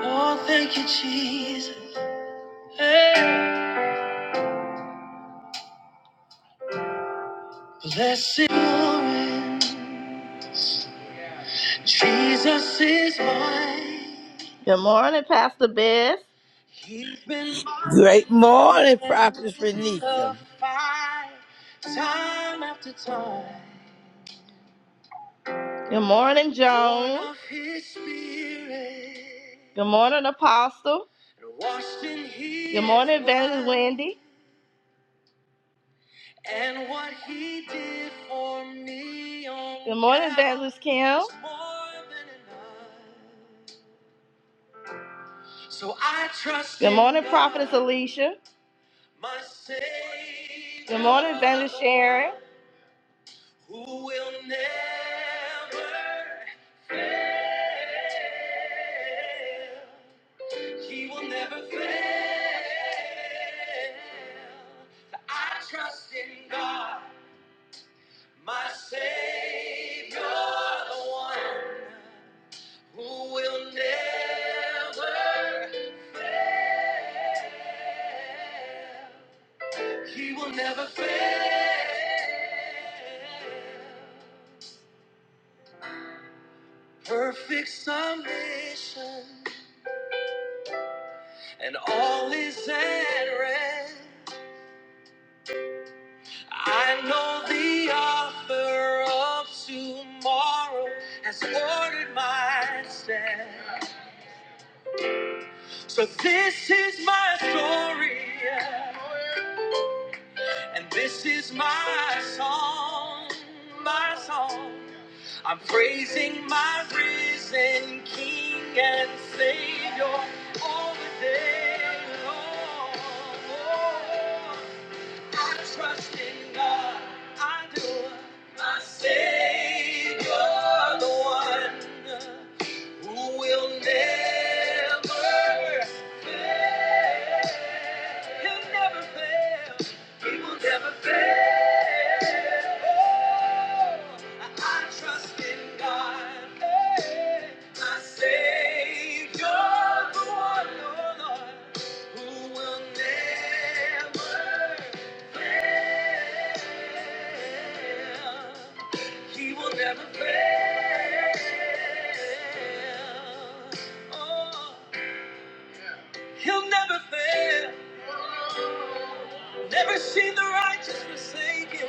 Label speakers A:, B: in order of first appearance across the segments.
A: Oh, thank you, Jesus. Hey. Blessed assurance, Jesus is mine. Good morning, Pastor Beth. He's been
B: Great
A: my
B: morning,
A: friend
B: Prophet
A: in the
B: Renika.
A: fight, time after time. Good morning, Joan. Born of his spirit. Good morning, Apostle. Washed in His Good morning, Evangelist blood. Wendy. And what he did for me on Good morning, Fabulous Kim. was more than enough. So I trust Good in morning, God, Prophetess Alicia. My Savior, Good morning, Evangelist Sharon. Who will never fail. He will never fail. I trust in God. My Savior, the one who will never, fail, he will never fail. Perfect submission, and all is at rest. I know the author of tomorrow has ordered my steps. So this is my story, and this is my song, my song. I'm praising my risen King and Savior all the day long. I trust in God. I do. My Savior, the one who will never fail. He'll never fail. He will never fail. Oh, I trust in God. Hey, my Savior, the one, oh Lord, who will never he will never fail. Oh, he'll never fail. Never see the righteous forsaken.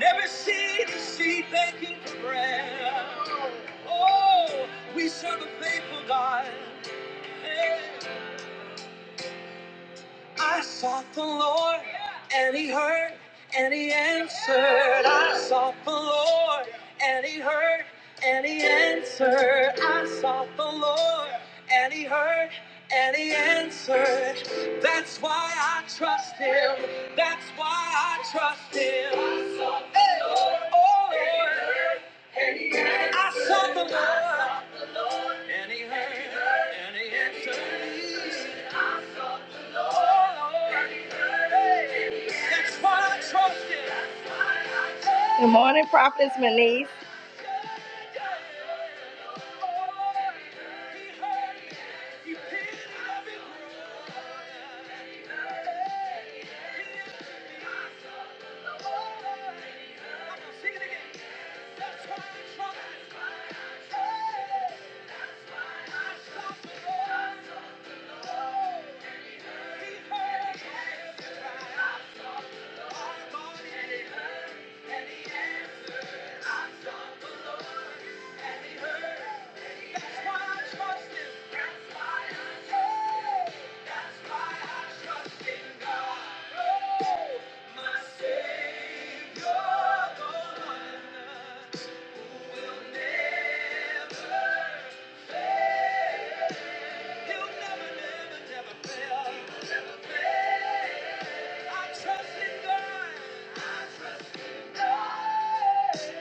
A: Never see the seed begging for bread. Oh, we serve a faithful God. Hey. I sought the Lord, and He heard, and He answered. I sought the Lord, and He heard, and He answered. I sought the Lord, and He heard, and He answered. That's why I trust Him. That's why I trust Him. I sought the Hey. Lord, oh and he Lord, heard, I sought the Lord, and He heard, and He answered. Good morning, Prophetess Manise. He'll never, never, never fail. I trust in God. Trust, I trust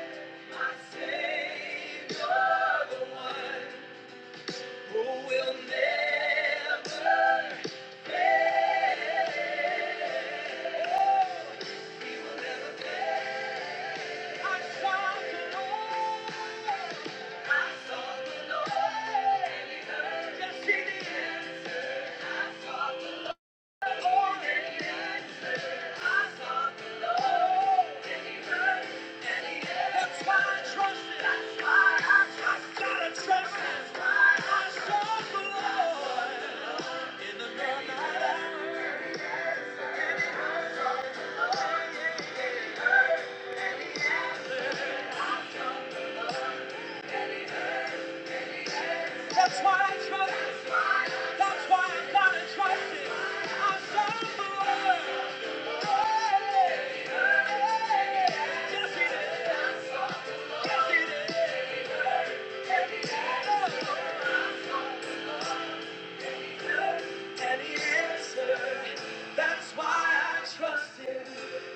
A: That's why I trust, gotta trust, that's why I trust the Lord. That's why I trust. That's why I gotta trust it. I serve the And he answered. That's why I trust him.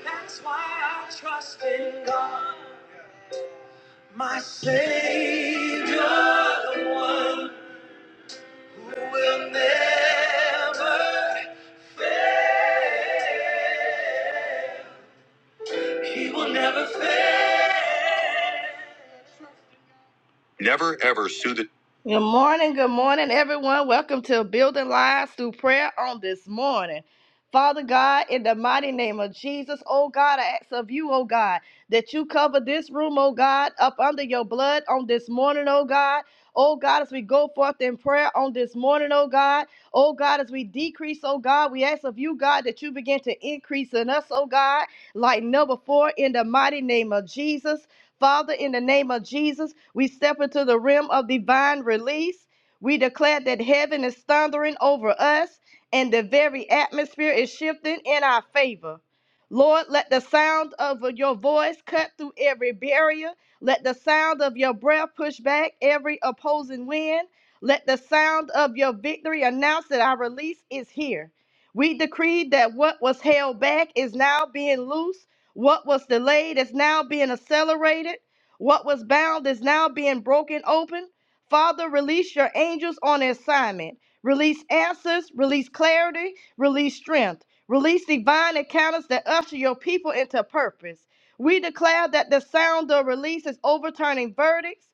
A: That's why I trust in God. My Savior, the one who will never. He will never fail. Never ever sue the. Good morning, good morning, everyone. Welcome to Building Lives Through Prayer on this morning. Father God, in the mighty name of Jesus, oh God, I ask of you, oh God, that you cover this room, oh God, up under your blood on this morning, oh God. Oh God, as we go forth in prayer on this morning, oh God. Oh God, as we decrease, oh God, we ask of you, God, that you begin to increase in us, oh God, like never before, in the mighty name of Jesus. Father, in the name of Jesus, we step into the realm of divine release. We declare that heaven is thundering over us and the very atmosphere is shifting in our favor. Lord, let the sound of your voice cut through every barrier. Let the sound of your breath push back every opposing wind. Let the sound of your victory announce that our release is here. We decree that what was held back is now being loose. What was delayed is now being accelerated. What was bound is now being broken open. Father, release your angels on assignment. Release answers, release clarity, release strength, release divine encounters that usher your people into purpose. We declare that the sound of release is overturning verdicts,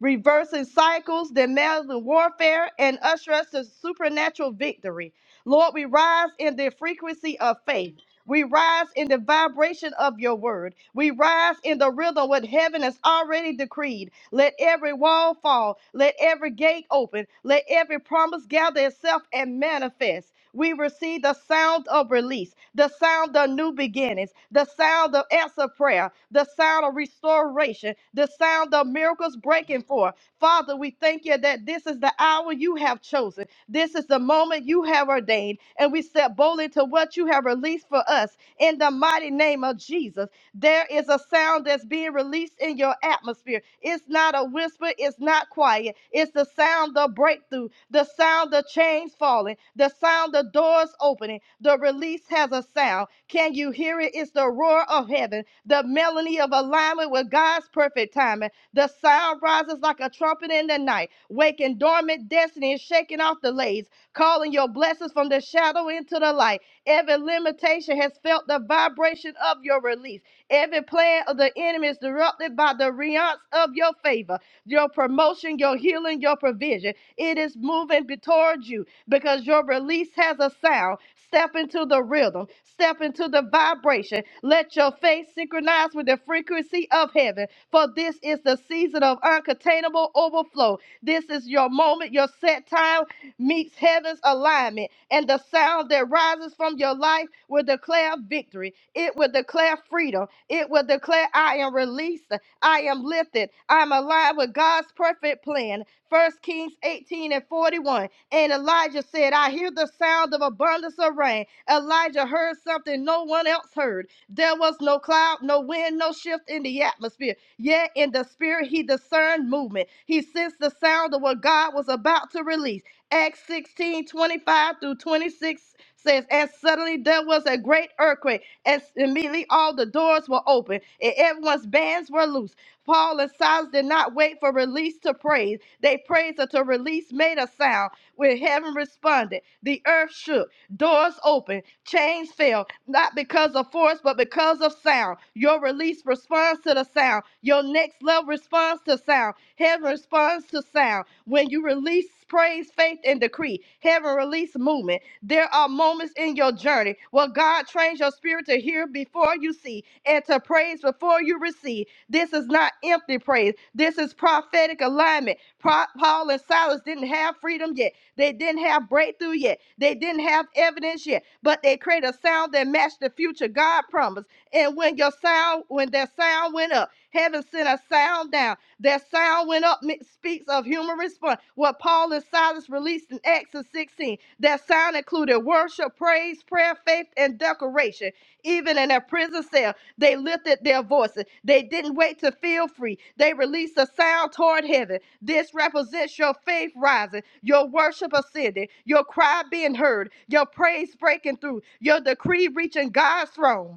A: reversing cycles, dismantling warfare, and usher us to supernatural victory. Lord, we rise in the frequency of faith. We rise in the vibration of your word. We rise in the rhythm what heaven has already decreed. Let every wall fall. Let every gate open. Let every promise gather itself and manifest. We receive the sound of release, the sound of new beginnings, the sound of answer prayer, the sound of restoration, the sound of miracles breaking forth. Father, we thank you that this is the hour you have chosen. This is the moment you have ordained, and we step boldly to what you have released for us in the mighty name of Jesus. There is a sound that's being released in your atmosphere. It's not a whisper, it's not quiet. It's the sound of breakthrough, the sound of chains falling, the sound of doors opening. The release has a sound. Can you hear it? It's the roar of heaven, the melody of alignment with God's perfect timing. The sound rises like a trumpet in the night, waking dormant destiny and shaking off delays, calling your blessings from the shadow into the light. Every limitation has felt the vibration of your release. Every plan of the enemy is disrupted by the realms of your favor, your promotion, your healing, your provision. It is moving be- towards you because your release has a sound. Step into the rhythm, step into the vibration. Let your faith synchronize with the frequency of heaven. For this is the season of uncontainable overflow. This is your moment, your set time meets heaven's alignment, and the sound that rises from your life will declare victory. It will declare freedom. It will declare, I am released, I am lifted, I am aligned with God's perfect plan. First Kings 18 and 41. And Elijah said, I hear the sound of abundance of rain. Elijah heard something no one else heard. There was no cloud, no wind, no shift in the atmosphere. Yea, in the spirit he discerned movement. He sensed the sound of what God was about to release. Acts 16 25 through 26 says, And suddenly there was a great earthquake, and immediately all the doors were open, and everyone's bands were loose. Paul and Silas did not wait for release to praise. They praised until release made a sound. When heaven responded, the earth shook. Doors open, chains fell, not because of force, but because of sound. Your release responds to the sound. Your next level responds to sound. Heaven responds to sound. When you release praise, faith, and decree, heaven release movement. There are moments in your journey where God trains your spirit to hear before you see and to praise before you receive. This is not empty praise. This is prophecy prophetic alignment. Pro- Paul and Silas didn't have freedom yet. They didn't have breakthrough yet. They didn't have evidence yet. But they created a sound that matched the future God promised. And when your sound, when their sound went up, heaven sent a sound down. Their sound went up mi- speaks of human response. What Paul and Silas released in Acts of 16. Their sound included worship, praise, prayer, faith, and decoration. Even in their prison cell, they lifted their voices. They didn't wait to feel free. They released a sound toward heaven. This represents your faith rising, your worship ascending, your cry being heard, your praise breaking through, your decree reaching God's throne.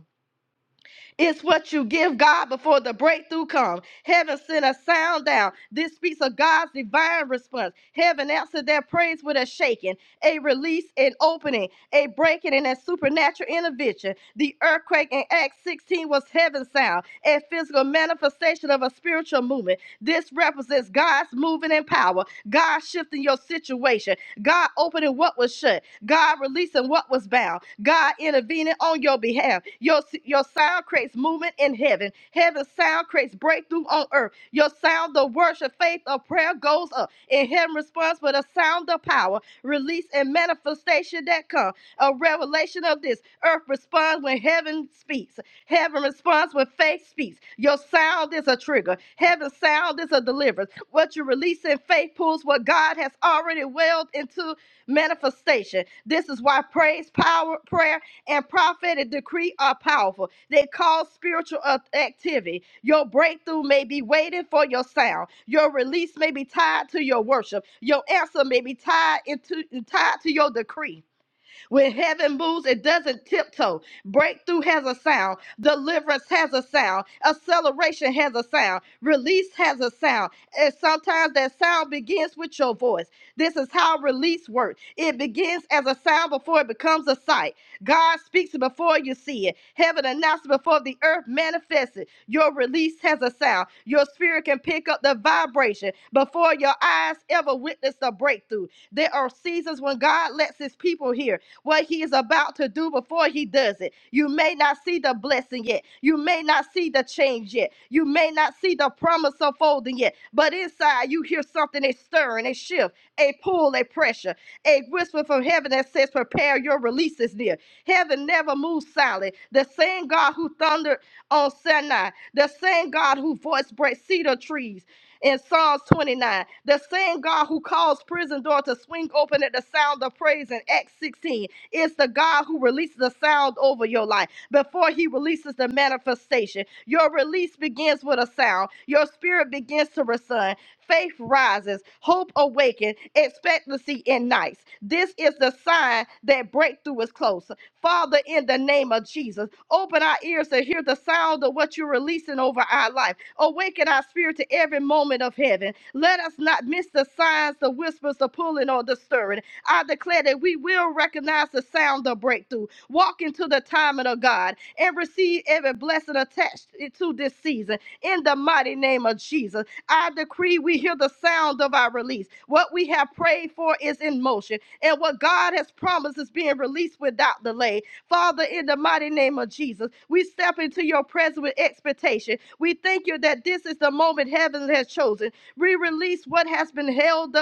A: It's what you give God before the breakthrough comes. Heaven sent a sound down. This speaks of God's divine response. Heaven answered their praise with a shaking, a release an opening, a breaking and a supernatural intervention. The earthquake in Acts 16 was heaven's sound, a physical manifestation of a spiritual movement. This represents God's moving in power. God shifting your situation. God opening what was shut. God releasing what was bound. God intervening on your behalf. Your, your sound creates movement in heaven. Heaven's sound creates breakthrough on earth. Your sound of worship, faith, or prayer goes up. In heaven responds with a sound of power, release, and manifestation that come. A revelation of this. Earth responds when heaven speaks. Heaven responds with faith speaks. Your sound is a trigger. Heaven's sound is a deliverance. What you release in faith pulls what God has already willed into manifestation. This is why praise, power, prayer, and prophetic decree are powerful. They cause spiritual activity. Your breakthrough may be waiting for your sound. Your release may be tied to your worship. Your answer may be tied into tied to your decree. When heaven moves, it doesn't tiptoe. Breakthrough has a sound. Deliverance has a sound. Acceleration has a sound. Release has a sound. And sometimes that sound begins with your voice. This is how release works. It begins as a sound before it becomes a sight. God speaks it before you see it. Heaven announces before the earth manifests it. Your release has a sound. Your spirit can pick up the vibration before your eyes ever witness a breakthrough. There are seasons when God lets his people hear what he is about to do before he does it. You may not see the blessing yet. You may not see the change yet. You may not see the promise unfolding yet. But inside, you hear something a stirring, a shift, a pull, a pressure, a whisper from heaven that says, Prepare your release is near. Heaven never moves silent. The same God who thundered on Sinai, the same God who voice breaks cedar trees in Psalms 29. The same God who calls prison door to swing open at the sound of praise in Acts 16. It's the God who releases a sound over your life before he releases the manifestation. Your release begins with a sound. Your spirit begins to resound. Faith rises, hope awakens, expectancy ignites. This is the sign that breakthrough is close. Father, in the name of Jesus, open our ears to hear the sound of what you're releasing over our life. Awaken our spirit to every moment of heaven. Let us not miss the signs, the whispers, the pulling, or the stirring. I declare that we will recognize the sound of breakthrough, walk into the timing of God, and receive every blessing attached to this season. In the mighty name of Jesus, I decree we hear the sound of our release. What we have prayed for is in motion, and what God has promised is being released without delay. Father, in the mighty name of Jesus, we step into your presence with expectation. We thank you that this is the moment heaven has chosen. We release what has been held up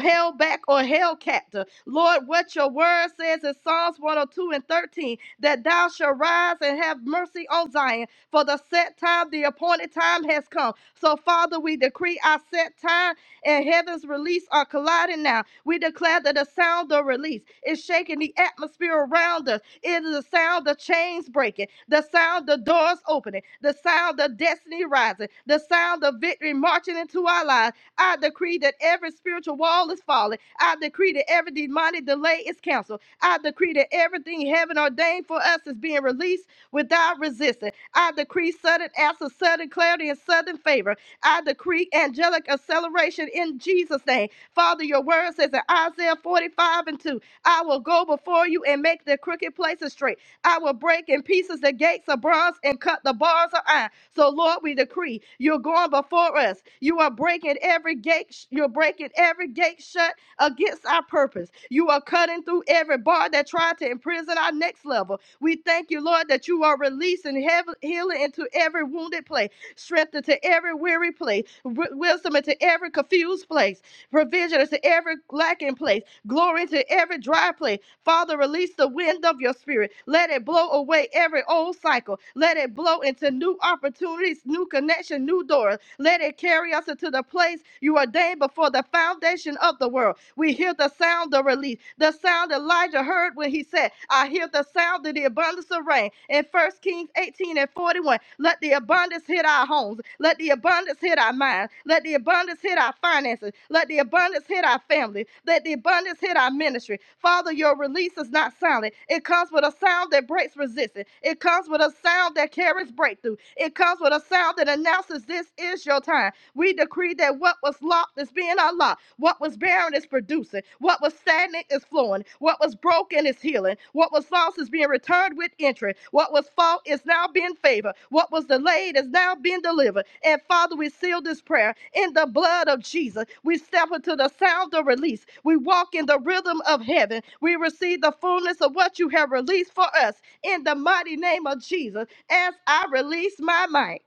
A: held back or held captive. Lord, what your word says in Psalms 102 and 13 that thou shalt rise and have mercy on Zion, for the set time, the appointed time has come. So, Father, we decree our set time and heaven's release are colliding now. We declare that the sound of release is shaking the atmosphere around us. It is the sound of chains breaking, the sound of doors opening, the sound of destiny rising, the sound of victory marching into our lives I decree that every spiritual wall is falling. I decree that every demonic delay is canceled. I decree that everything heaven ordained for us is being released without resistance. I decree sudden answer, sudden clarity, and sudden favor. I decree angelic acceleration in Jesus' name. Father, your word says in Isaiah 45 and 2, I will go before you and make the crooked places straight. I will break in pieces the gates of bronze and cut the bars of iron. So, Lord, we decree you're going before us. You are breaking every gate, sh- you're breaking every gate shut against our purpose. You are cutting through every bar that tried to imprison our next level. We thank you, Lord, that you are releasing heaven, healing into every wounded place, strength into every weary place, wi- wisdom into every confused place, provision into every lacking place. Glory to every dry place. Father, release the wind of your spirit. Let it blow away every old cycle. Let it blow into new opportunities, new connection, new doors. Let it carry us into the place you ordained before the foundation of the world. We hear the sound of release the sound Elijah heard when he said, I hear the sound of the abundance of rain. In First Kings 18 and 41, let the abundance hit our homes. Let the abundance hit our minds. Let the abundance hit our finances. Let the abundance hit our family. Let the abundance hit our ministry. Father, your release is not silent. It comes with a sound that breaks resistance. It comes with a sound that carries breakthrough. It comes with a sound that announces this is your time. We decree that what was locked is being unlocked. What was barren is producing. What was stagnant is flowing. What was broken is healing. What was lost is being returned with interest. What was fault is now being favored. What was delayed is now being delivered. And Father, we seal this prayer in the blood of Jesus. We step into the sound of release. We walk in the rhythm of heaven. We receive the fullness of what you have released for us in the mighty name of Jesus as I release my mic.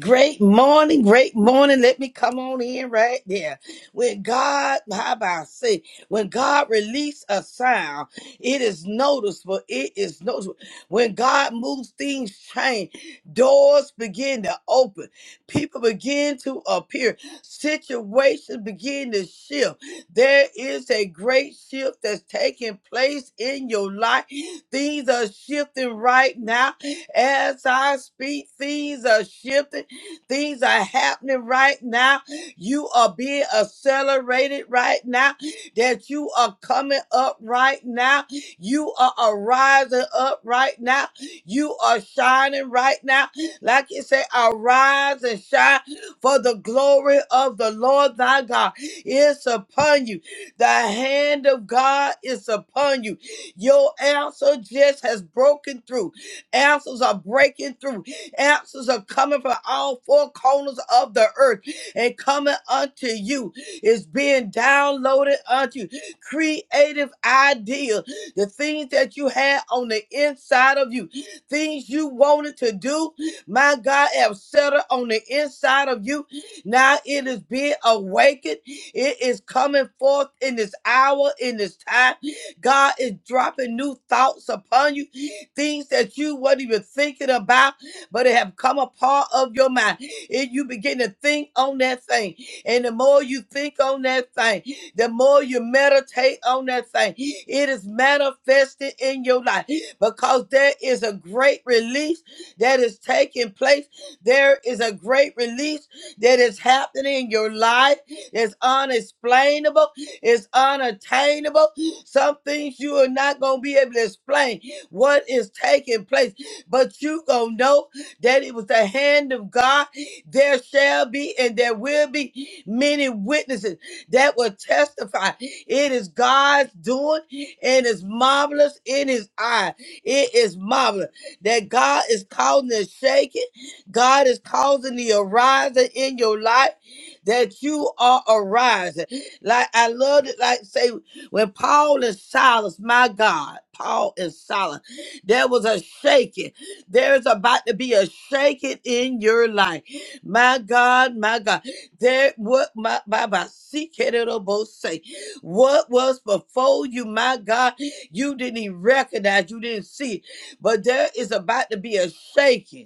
B: Great morning, great morning. Let me come on in right there. When God, how about I say, when God release a sound, it is noticeable. It is noticeable. When God moves, things change. Doors begin to open. People begin to appear. Situations begin to shift. There is a great shift that's taking place in your life. Things are shifting right now. As I speak, things are shifting. Things are happening right now. You are being accelerated right now. That you are coming up right now. You are arising up right now. You are shining right now. Like you say, arise and shine for the glory of the Lord thy God is upon you. The hand of God is upon you. Your answer just has broken through. Answers are breaking through. Answers are coming from all four corners of the earth and coming unto you. It's being downloaded unto you. Creative ideas, the things that you had on the inside of you, things you wanted to do, my God have settled on the inside of you. Now it is being awakened. It is coming forth in this hour, in this time. God is dropping new thoughts upon you, things that you weren't even thinking about but it have come a part of your mind. If you begin to think on that thing, and the more you think on that thing, the more you meditate on that thing, it is manifested in your life because there is a great release that is taking place. There is a great release that is happening in your life. It's unexplainable, it's unattainable. Some things you are not going to be able to explain what is taking place, but you going to know that it was the hand of God, there shall be and there will be many witnesses that will testify. It is God's doing and it's marvelous in his eye. It is marvelous that God is causing the shaking. God is causing the arising in your life that you are arising. Like I love it, like say when Paul and Silas, my God, Paul and Silas, there was a shaking. There is about to be a shaking in your life. My God, my God. There what my Baba say. What was before you, my God, you didn't even recognize, you didn't see it. But there is about to be a shaking.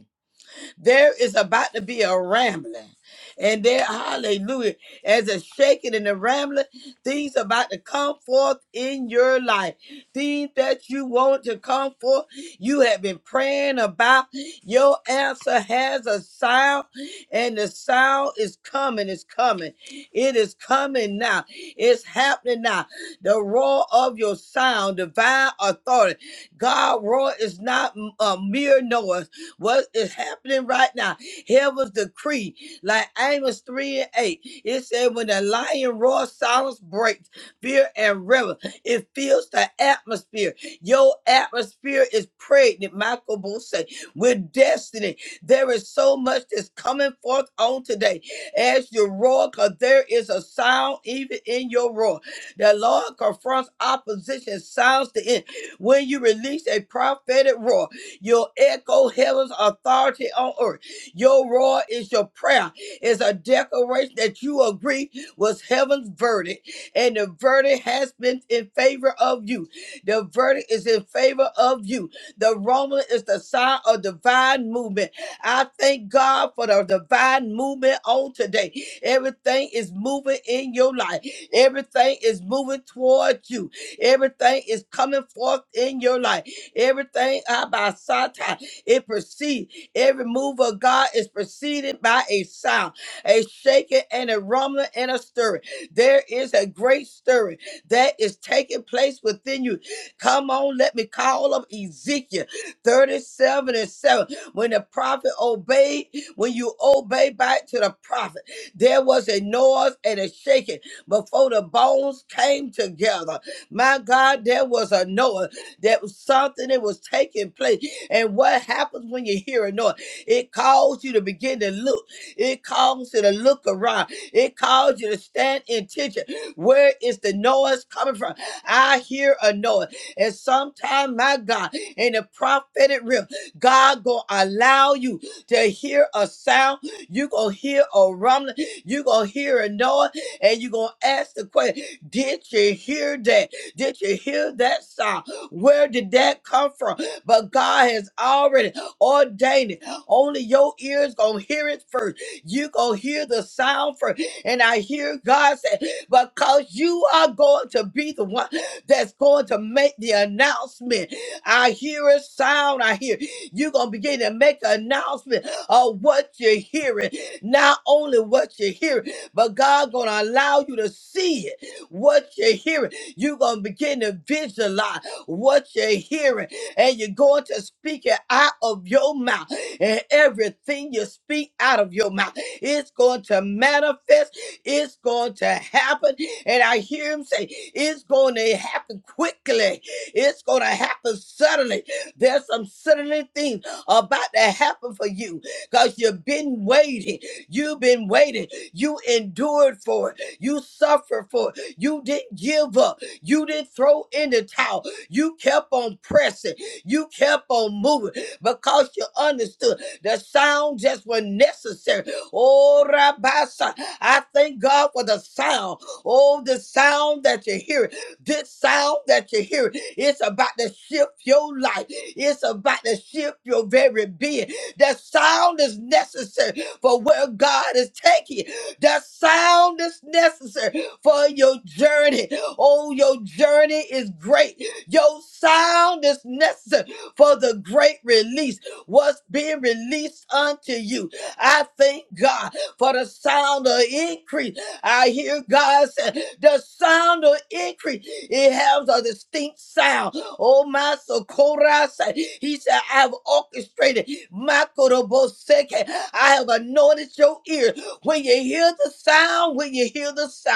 B: There is about to be a rambling. And there, hallelujah, as a shaking and a rambling, things about to come forth in your life. Things that you want to come forth, you have been praying about. Your answer has a sound, and the sound is coming, it's coming. It is coming now. It's happening now. The roar of your sound, divine authority. God roar is not a mere noise. What is happening right now? Heaven's decree, like Amos 3 and 8, it said, When the lion roars, silence breaks, fear and reverence. It fills the atmosphere. Your atmosphere is pregnant, Michael Busse, with destiny. There is so much that's coming forth on today as you roar, because there is a sound even in your roar. The Lord confronts opposition, sounds the end. When you release a prophetic roar, your echo heaven's authority on earth. Your roar is your prayer. It's a declaration that you agree was heaven's verdict, and the verdict has been in favor of you. The verdict is in favor of you. The rumble is the sign of divine movement. I thank God for the divine movement on today. Everything is moving in your life. Everything is moving toward you. Everything is coming forth in your life. Everything ah, by sight, ah, it proceeds. Every move of God is preceded by a sound, a shaking and a rumbling and a stirring. There is a great stirring that is taking place within you. Come on, let me call up Ezekiel 37 and 7. When the prophet obeyed, when you obey back to the prophet, there was a noise and a shaking before the bones came together. My God, there was a Noah. There was something that was taking place. And what happens when you hear a Noah? It calls you to begin to look. It calls you to look around. It calls you to stand in tension. Where is the Noah's coming from? I hear a Noah. And sometime, my God, in the prophetic realm, God gonna allow you to hear a sound. You gonna hear a rumbling. You gonna hear a Noah, and you gonna ask the question: Did you hear that? Did you hear that sound? Where did that come from? But God has already ordained it. Only your ears gonna hear it first. You gonna hear the sound first. And I hear God say, because you are going to be the one that's going to make the announcement. I hear a sound. I hear you're gonna begin to make an announcement of what you're hearing. Not only what you're hearing, but God gonna allow you to see it. What you're hearing. You're going to begin to visualize what you're hearing, and you're going to speak it out of your mouth. And everything you speak out of your mouth, it's going to manifest, it's going to happen. And I hear him say, it's going to happen quickly, it's going to happen suddenly. There's some suddenly things about to happen for you because you've been waiting. You've been waiting. You endured for it. You suffered for it. You didn't give up. You didn't throw in the towel. You kept on pressing. You kept on moving because you understood the sound just was necessary. Oh, Rabasa, I thank God for the sound. Oh, the sound that you hear. This sound that you hear, it's about to shift your life. It's about to shift your very being. That sound is necessary for where God is taking you. That sound is necessary for your journey. Oh, your journey is great. Your sound is necessary for the great release. What's being released unto you? I thank God for the sound of increase. I hear God say, the sound of increase. It has a distinct sound. Oh, my Sokora said, he said, I have orchestrated my Koroboseke. I have anointed your ear. When you hear the sound, when you hear the sound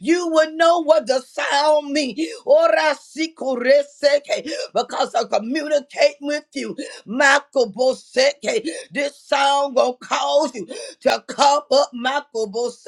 B: you would know what the sound means. Because i communicate with you. Makoboseke. This sound gonna cause you to come up. Makobose.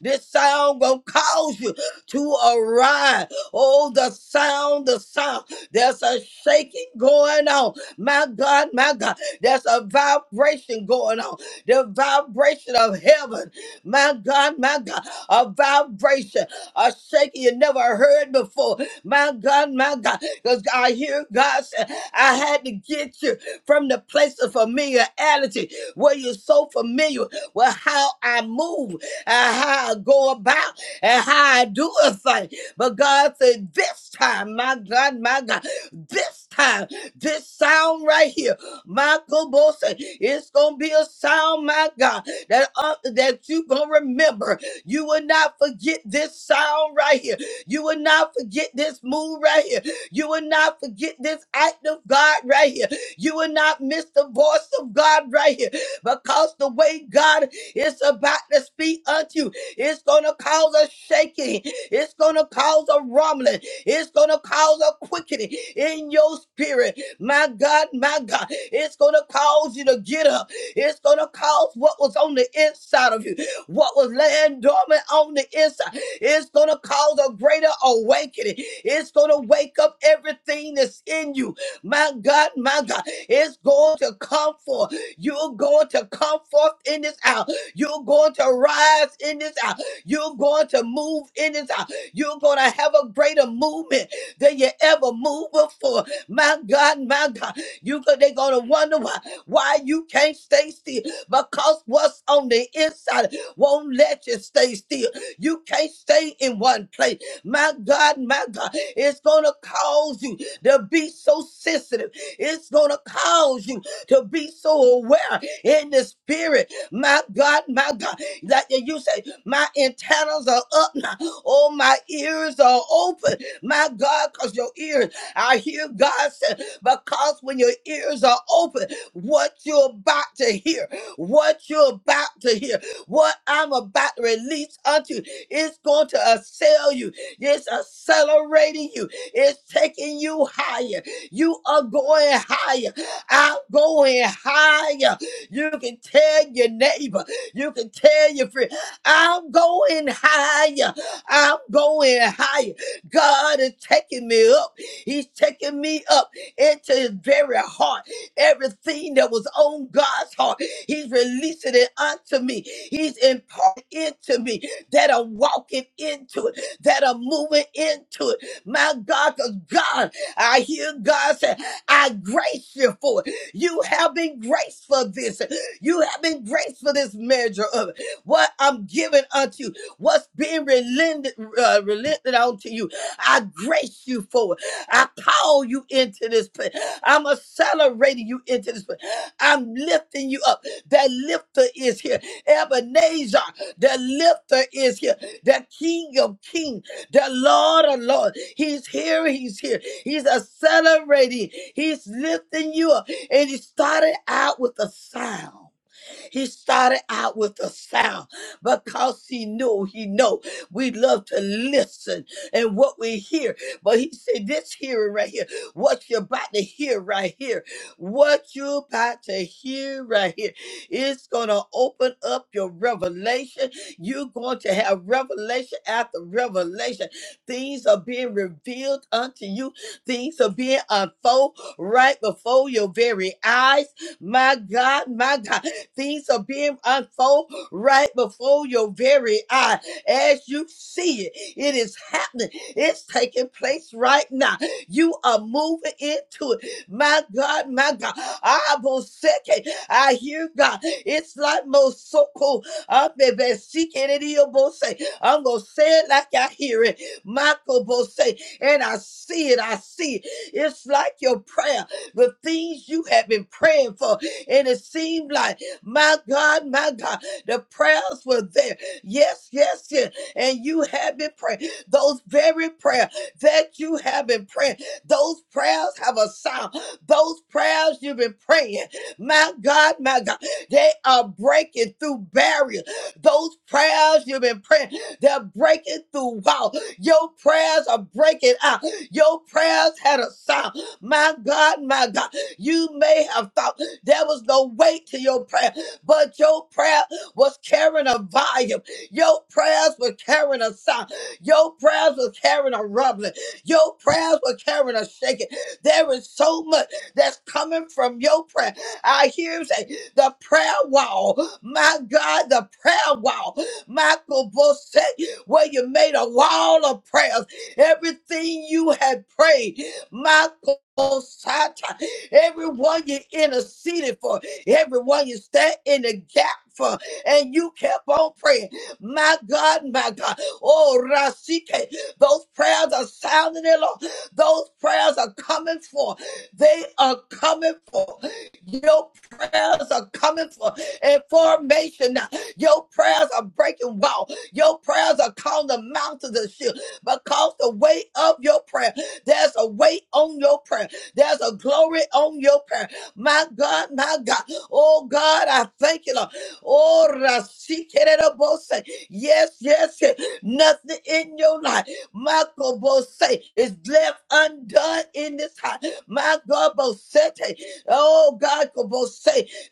B: This sound gonna cause you to arise. Oh, the sound, the sound. There's a shaking going on. My God, my God. There's a vibration going on. The vibration of heaven. My God, my God. A vibration are shaking you never heard before. My God, my God, because I hear God say, I had to get you from the place of familiarity where you're so familiar with how I move and how I go about and how I do a thing. But God said, this time, my God, my God, this time, this sound right here, Michael Bo said, it's gonna be a sound, my God, that uh, that you gonna remember. You will not forget this sound right here. You will not forget this move right here. You will not forget this act of God right here. You will not miss the voice of God right here because the way God is about to speak unto you, it's going to cause a shaking. It's going to cause a rumbling. It's going to cause a quickening in your spirit. My God, my God, it's going to cause you to get up. It's going to cause what was on the inside of you. What was laying dormant on the inside, it's going to cause a greater awakening. It's going to wake up everything that's in you. My God, my God, it's going to come forth. You're going to come forth in this hour. You're going to rise in this hour. You're going to move in this hour. You're going to have a greater movement than you ever moved before. My God, my God, you go- they're going to wonder why why you can't stay still because what's on the inside won't let you stay still. You can't stay in one place. My God, my God, it's going to cause you to be so sensitive. It's going to cause you to be so aware in the spirit. My God, my God, like you say, my antennas are up now. Oh, my ears are open. My God, because your ears, I hear God say, because when your ears are open, what you're about to hear, what you're about to hear. What I'm about to release unto you is going to assail you. It's accelerating you. It's taking you higher. You are going higher. I'm going higher. You can tell your neighbor. You can tell your friend. I'm going higher. I'm going higher. God is taking me up. He's taking me up into his very heart. Everything that was on God's heart. He's releasing it unto me. He's imparting into me that are walking into it, that are moving into it. My God, because God, I hear God say, I grace you for it. You have been graced for this. You have been graced for this measure of it. What I'm giving unto you, what's being relented, uh, relented onto you, I grace you for it. I call you into this place. I'm accelerating you into this place. I'm lifting you up. That lifter is here. Ebenezer, the lifter is here. The King of Kings, the Lord of Lords. He's here. He's here. He's accelerating. He's lifting you up. And he started out with a sound. He started out with a sound because he knew, he know we love to listen and what we hear. But he said, this hearing right here, what you're about to hear right here, what you're about to hear right here, it's going to open up your revelation. You're going to have revelation after revelation. Things are being revealed unto you. Things are being unfolded right before your very eyes. My God, my God. Things are being unfold right before your very eye as you see it. It is happening. It's taking place right now. You are moving into it. My God, my God. I will second. I hear God. It's like most so cool. I'm baby seeking it. He'll both say, I'm gonna say it like I hear it. Michael both say, and I see it. I see it. It's like your prayer, the things you have been praying for, and it seemed like. My God, my God, the prayers were there. Yes, yes, yes. And you have been praying. Those very prayers that you have been praying, those prayers have a sound. Those prayers you've been praying, my God, my God, they are breaking through barriers. Those prayers you've been praying, they're breaking through walls. Your prayers are breaking out. Your prayers had a sound. My God, my God, you may have thought. There was no weight to your prayer, but your prayer was carrying a volume. Your prayers were carrying a sound. Your prayers were carrying a rumbling. Your prayers were carrying a shaking. There is so much that's coming from your prayer. I hear him say, the prayer wall. My God, the prayer wall. Michael Bush said, where you made a wall of prayers. Everything you had prayed. Sata. Everyone you interceded for, everyone you stand in the gap for, and you kept on praying. My God, my God. Oh, Rasike, those prayers are sounding, Lord. Those prayers are coming forth. They are coming forth. Your prayers are coming forth. information. now. Your prayers are breaking walls. Your prayers are calling the mountains to shift because the weight of your prayer. There's a weight on your prayer. There's a glory on your prayer. My God, my God. Oh God, I thank you, Lord. Oh, Rasikererobose. yes, yes, yes. Nothing in your life, Michael Bose, is left undone in this house. My God, Bosete. Oh God, Bose.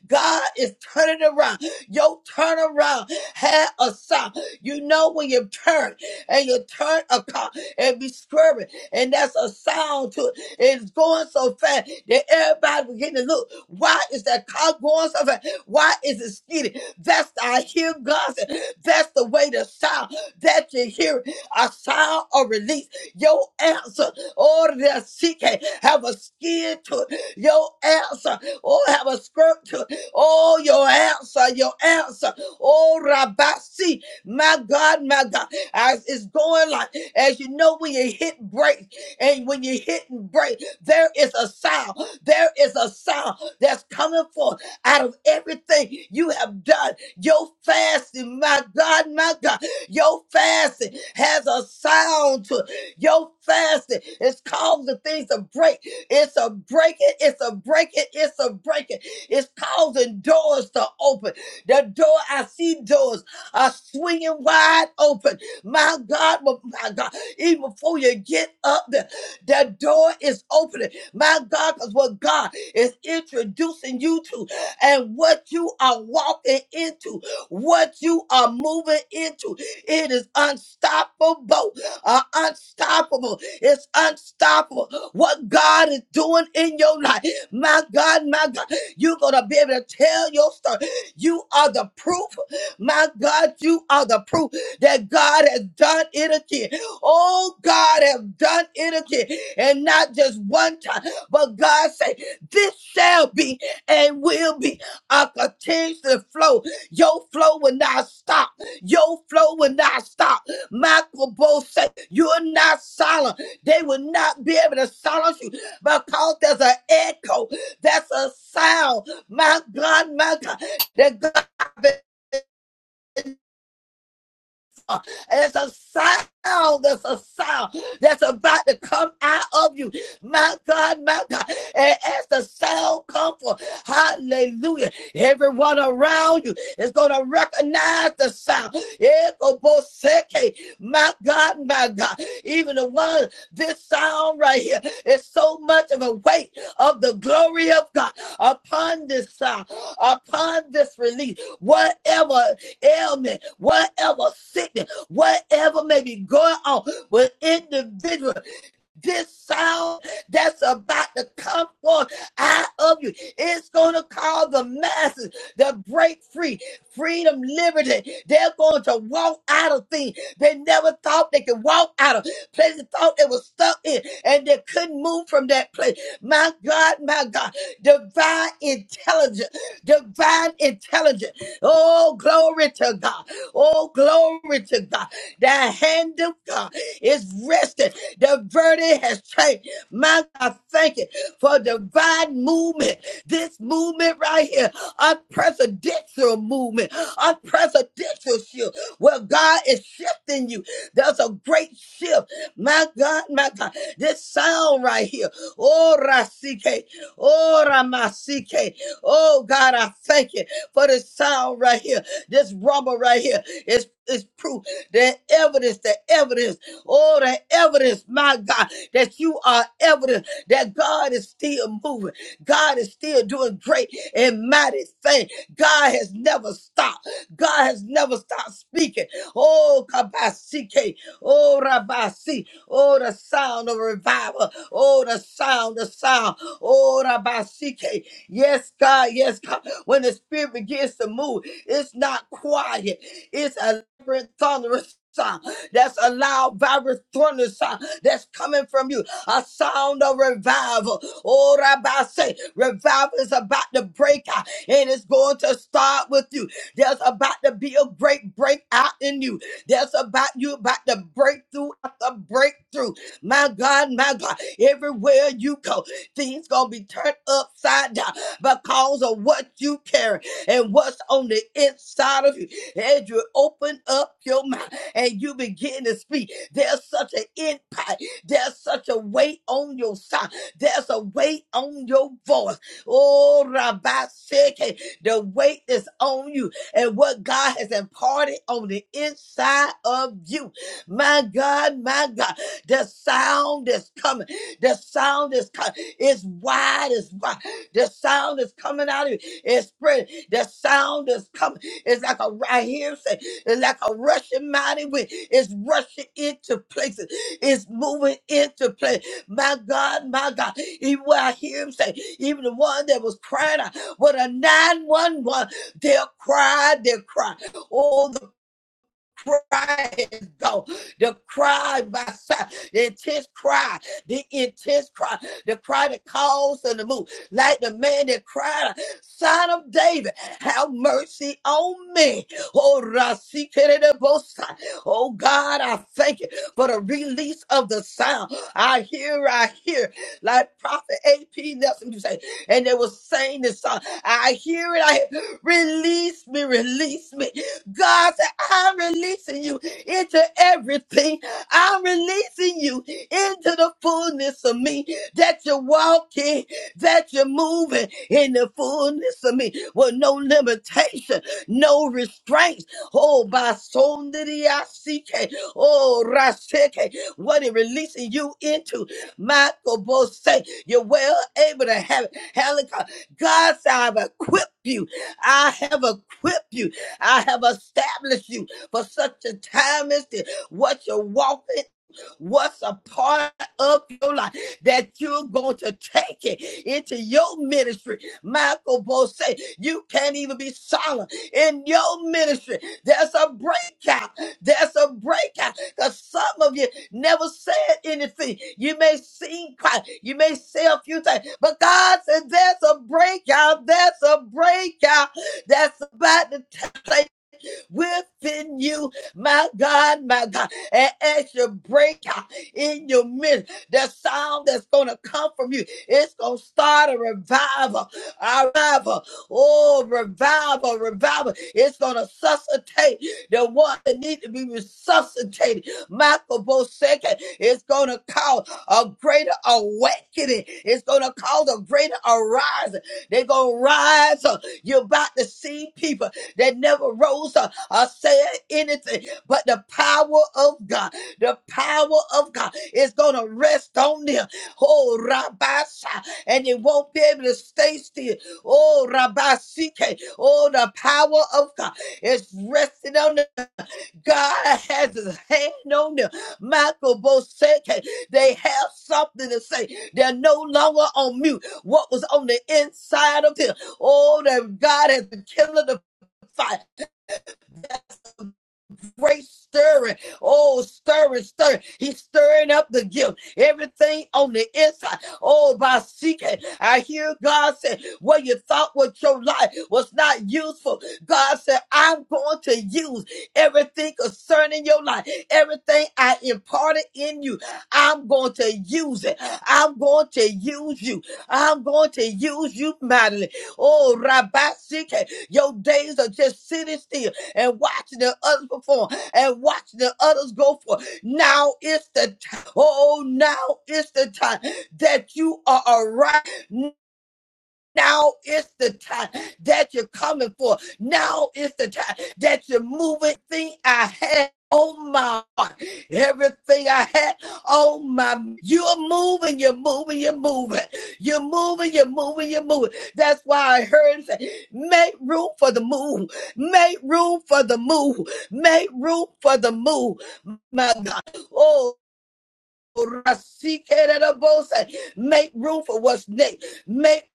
B: God is turning around. Your turnaround had a sound. You know when you turn and you turn a car and be swerving and that's a sound to it. It's going so fast that everybody beginning to look. Why is that car going so fast? Why is it skidding? That's the, I hear God. say, That's the way to sound that you hear it, a sound of release. Your answer, or that she can have a skin to it. Your answer, or have a skirt to it. Oh, your answer, your answer. Oh, Rabasi, my God, my God. As it's going like, as you know, when you hit break and when you hit and break, there is a sound. There is a sound that's coming forth out of everything you have done. Your fasting, my God, my God, your fasting has a sound to it. Your fasting is causing things to break. It's a breaking, it's a breaking, it's a breaking. It's causing doors to open. The door, I see doors are swinging wide open. My God, my God, even before you get up there, that door is opening. My God, because what God is introducing you to and what you are walking into, what you are moving into, it is unstoppable. Uh, unstoppable. It's unstoppable. What God is doing in your life. My God, my God, you're going to be able to tell your story. You are the proof. My God, you are the proof that God has done it again. Oh, God have done it again. And not just one time, but God said, this shall be and will be a continuous flow. Your flow will not stop. Your flow will not stop. Michael Bo said, you're not silent. They will not be able to silence you because there's an echo. That's a sound. My God, my God. That God. And it's a sound. There's a sound that's about to come out of you. My God, my God. And as the sound comes forth, hallelujah. Everyone around you is going to recognize the sound. Ekoboseke. My God, my God. Even the one, this sound right here is so much of a weight of the glory of God upon this sound, upon this release. Whatever ailment, whatever sickness, whatever may be going on with individuals. This sound that's about to come forth out of you, it's going to call the masses to break free. Freedom, liberty. They're going to walk out of things they never thought they could walk out of. Places they thought they were stuck in and they couldn't move from that place. My God, my God. Divine intelligence. Divine intelligence. Oh, glory to God. Oh, glory to God. The hand of God is resting. The verdict has changed. My God, thank you for divine movement. This movement right here, unprecedented movement, unprecedented shift where God is shifting you. There's a great shift. My God, my God, this sound right here. Oh, Rasike. Oh, Ramasike. Oh, God, I thank you for this sound right here. This rumble right here is is proof. The evidence, the evidence. Oh, the evidence, my God, that you are evidence that God is still moving. God is still doing great and mighty things. God has never stopped. God has never stopped speaking. Oh, Kabasike. Oh, Rabasi. Oh, the sound of revival. Oh, the sound, the sound. Oh, Rabasike. Yes, God. Yes, God. When the Spirit begins to move, it's not quiet. It's a thunderous sound that's a loud, vibrant thunder sound that's coming from you. A sound of revival. Oh, Rabbi, say, revival is about to break out and it's going to start with you. There's about to be a great breakout in you. There's about you about to break through after breakthrough. My God, my God, everywhere you go, things gonna be turned upside down because of what you carry and what's on the inside of you. As you open up your mouth and you begin to speak. There's such an impact. There's such a weight on your side. There's a weight on your voice. Oh, Rabbi Sheke, the weight is on you and what God has imparted on the inside of you. My God, my God, the sound is coming. The sound is coming. It's wide, it's wide. The sound is coming out of you. It's spreading. The sound is coming. It's like a right here. It's like a rushing mighty wind. It's rushing into places. It's moving into place. My God, my God. Even when I hear him say, even the one that was crying out, what a 911, they'll cry, they'll cry. Oh, crying though the cry by si- the intense cry the intense cry the cry that calls and the move like the man that cried son of david have mercy on me oh Rasikerebosa. oh god i thank you for the release of the sound i hear i hear like prophet ap nelson you say and they were saying this song i hear it i hear, release me release me God said, I'm releasing you into everything. I'm releasing you into the fullness of me that you're walking, that you're moving in the fullness of me with no limitation, no restraints. Oh, by Sondriasike, oh, Rasike, what it releasing you into. Michael Bose, you're well able to have it. Helica, God said, I've equipped you. I have equipped you. I have established you for such a time as this. What you're walking, what's a part of your life that you're going to take it into your ministry. Michael Bose said, you can't even be silent in your ministry. There's a breakout. There's a breakout. Because some of you never said anything. You may seem quiet. You may say a few things. But God said, there's a breakout. There's a breakout that's about to take place within you, my God, my God. And as you break out in your midst, the sound that's going to come from you, it's going to start a revival, a revival, oh, revival, revival. It's going to suscitate the one that needs to be resuscitated. Michael Bosecki is going to call a greater awakening. It's going to call a greater arising. They're going to rise up. You're about to see people that never rose up or say anything, but the power of God, the power of God is going to rest on them. Oh, Rabasha, and they won't be able to stay still. Oh, Rabasike, oh, the power of God is resting on them. God has his hand on them. Michael Boseke, they have something to say. They're no longer on mute. What was on the inside of them? Oh, that God has been killing the fire great stirring. Oh, stirring, stirring. He's stirring up the gift. Everything on the inside. Oh, by seeking. I hear God say, what you thought was your life was not useful. God said, I'm going to use everything concerning your life. Everything I imparted in you, I'm going to use it. I'm going to use you. I'm going to use you mightily. Oh, Rabbi, your days are just sitting still and watch the others perform and watch the others go for. Now is the time. Oh, now is the time that you are arriving. Now is the time that you're coming for. Now is the time that you're moving. Thing I had on my heart, everything I had on my. You're moving. You're moving. You're moving. You're moving. You're moving. You're moving. That's why I heard him say, "Make room for the move. Make room for the move. Make room for the move." My God. oh. Make room for what's next. Make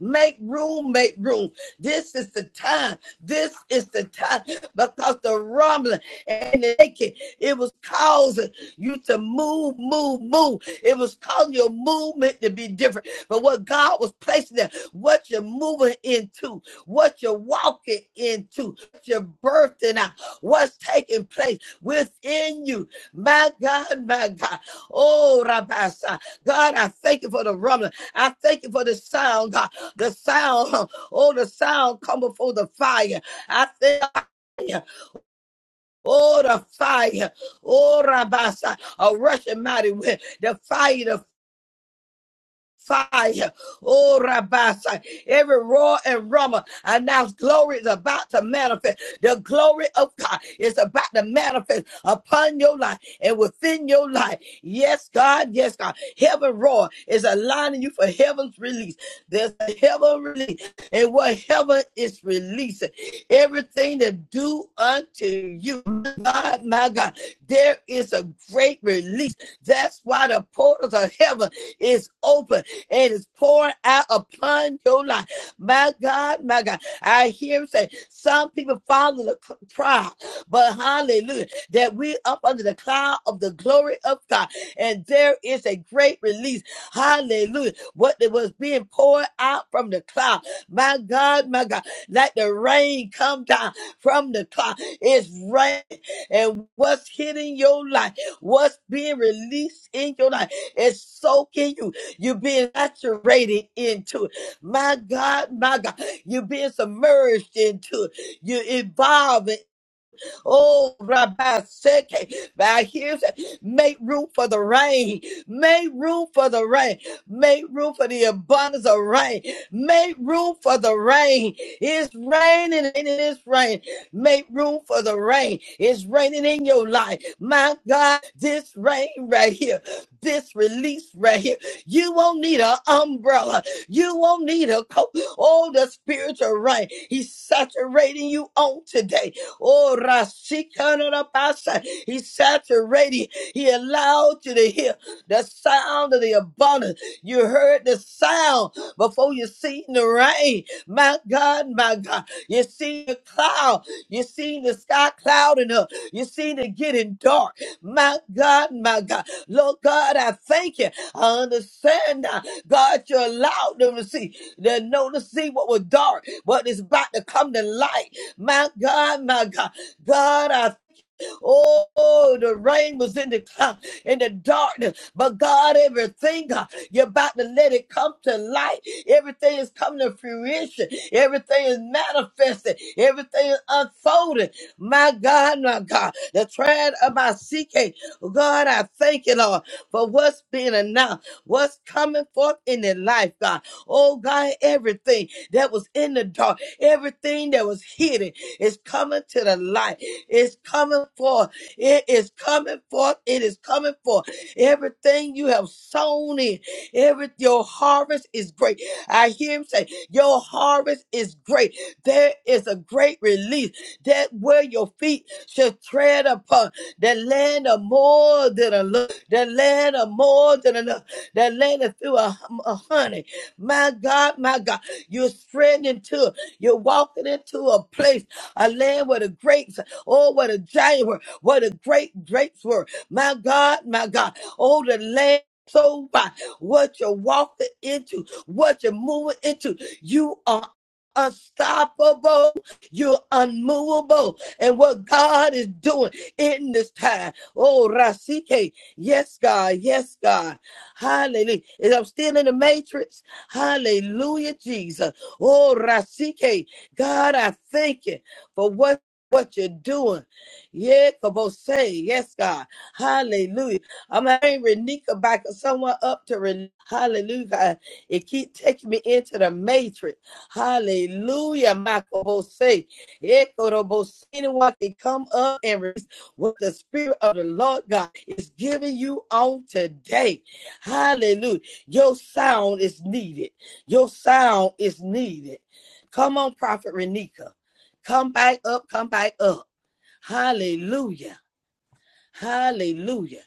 B: Make room. Make room. This is the time. This is the time because the rumbling and the shaking, it was causing you to move, move, move. It was causing your movement to be different. But what God was placing there, what you're moving into, what you're walking into, what you're birthing out, what's taking place within you. My God, my God. Oh, Rabasa. God, I thank you for the rumbling. I thank you for the sound, God. The sound, oh, the sound come before the fire. I thank you. Oh, the fire. Oh, Rabasa. A rushing mighty wind. The fire, the fire. Oh, Rabasa. Every roar and rumble announce glory is about to manifest. The glory of God is about to manifest upon your life and within your life. Yes, God. Yes, God. Heaven roar is aligning you for heaven's release. There's a heaven release. And what heaven is releasing, everything to do unto you. God, my God, there is a great release. That's why the portals of heaven is open it is pouring out upon your life. My God, my God. I hear him say some people follow the c- crowd, but hallelujah, that we up under the cloud of the glory of God. And there is a great release. Hallelujah. What it was being poured out from the cloud. My God, my God. Like the rain come down from the cloud. It's rain. And what's hitting your life, what's being released in your life, is soaking you. You're being saturated into it. My God, my God. You're being submerged into it. You're involved. Oh, Rabbi Seke, by his make room for the rain, make room for the rain, make room for the abundance of rain, make room for the rain. It's raining and it is rain. Make room for the rain. It's raining in your life. My God, this rain right here, this release right here. You won't need an umbrella. You won't need a coat. Oh, the spiritual rain. He's saturating you on today. Oh, Rasikanabasa. He saturated. He allowed you to hear the sound of the abundance. You heard the sound before you seen the rain. My God, my God. You seen the cloud. You seen the sky clouding up. You seen it getting dark. My God, my God. Lord God, I thank you. I understand now. God, you allowed them to see. They know to see what was dark, what is about to come to light. My God, my God, God, I, oh, the rain was in the cloud, in the darkness, but God, everything, uh, you're about to let it come to light. Everything is coming to fruition. Everything is manifested. Everything is unfolding. My God, my God, the triad of my CK, God, I thank you, Lord, for what's being announced, what's coming forth in their life, God. Oh, God, everything that was in the dark, everything that was hidden, it's coming to the light. It's coming forth. It is coming forth. It is coming forth. Everything you have sown in, every your harvest is great. I hear him say, Your harvest is great. There is a great release that where your feet should tread upon the land of more than a lo- the land of more than enough, the land of through a, hum- a honey. My God, my God, you're spreading into, you're walking into a place a land where the grapes, oh, what a giant were, what a great grapes were. My God, my God, oh, the land. So by what you're walking into, what you're moving into, you are unstoppable. You're unmovable. And what God is doing in this time. Oh, Rasike. Yes, God. Yes, God. Hallelujah. And I'm still in the matrix. Hallelujah, Jesus. Oh, Rasike. God, I thank you for what what you're doing. Yeah, Kabose, yes, God. Hallelujah. I'm having Renika back someone up to Ren- Hallelujah. God. It keep taking me into the matrix. Hallelujah, Michael say. Anyone can come up and release what the Spirit of the Lord God is giving you on today. Hallelujah. Your sound is needed. Your sound is needed. Come on, Prophet Renika. Come back up, come back up. Hallelujah. Hallelujah.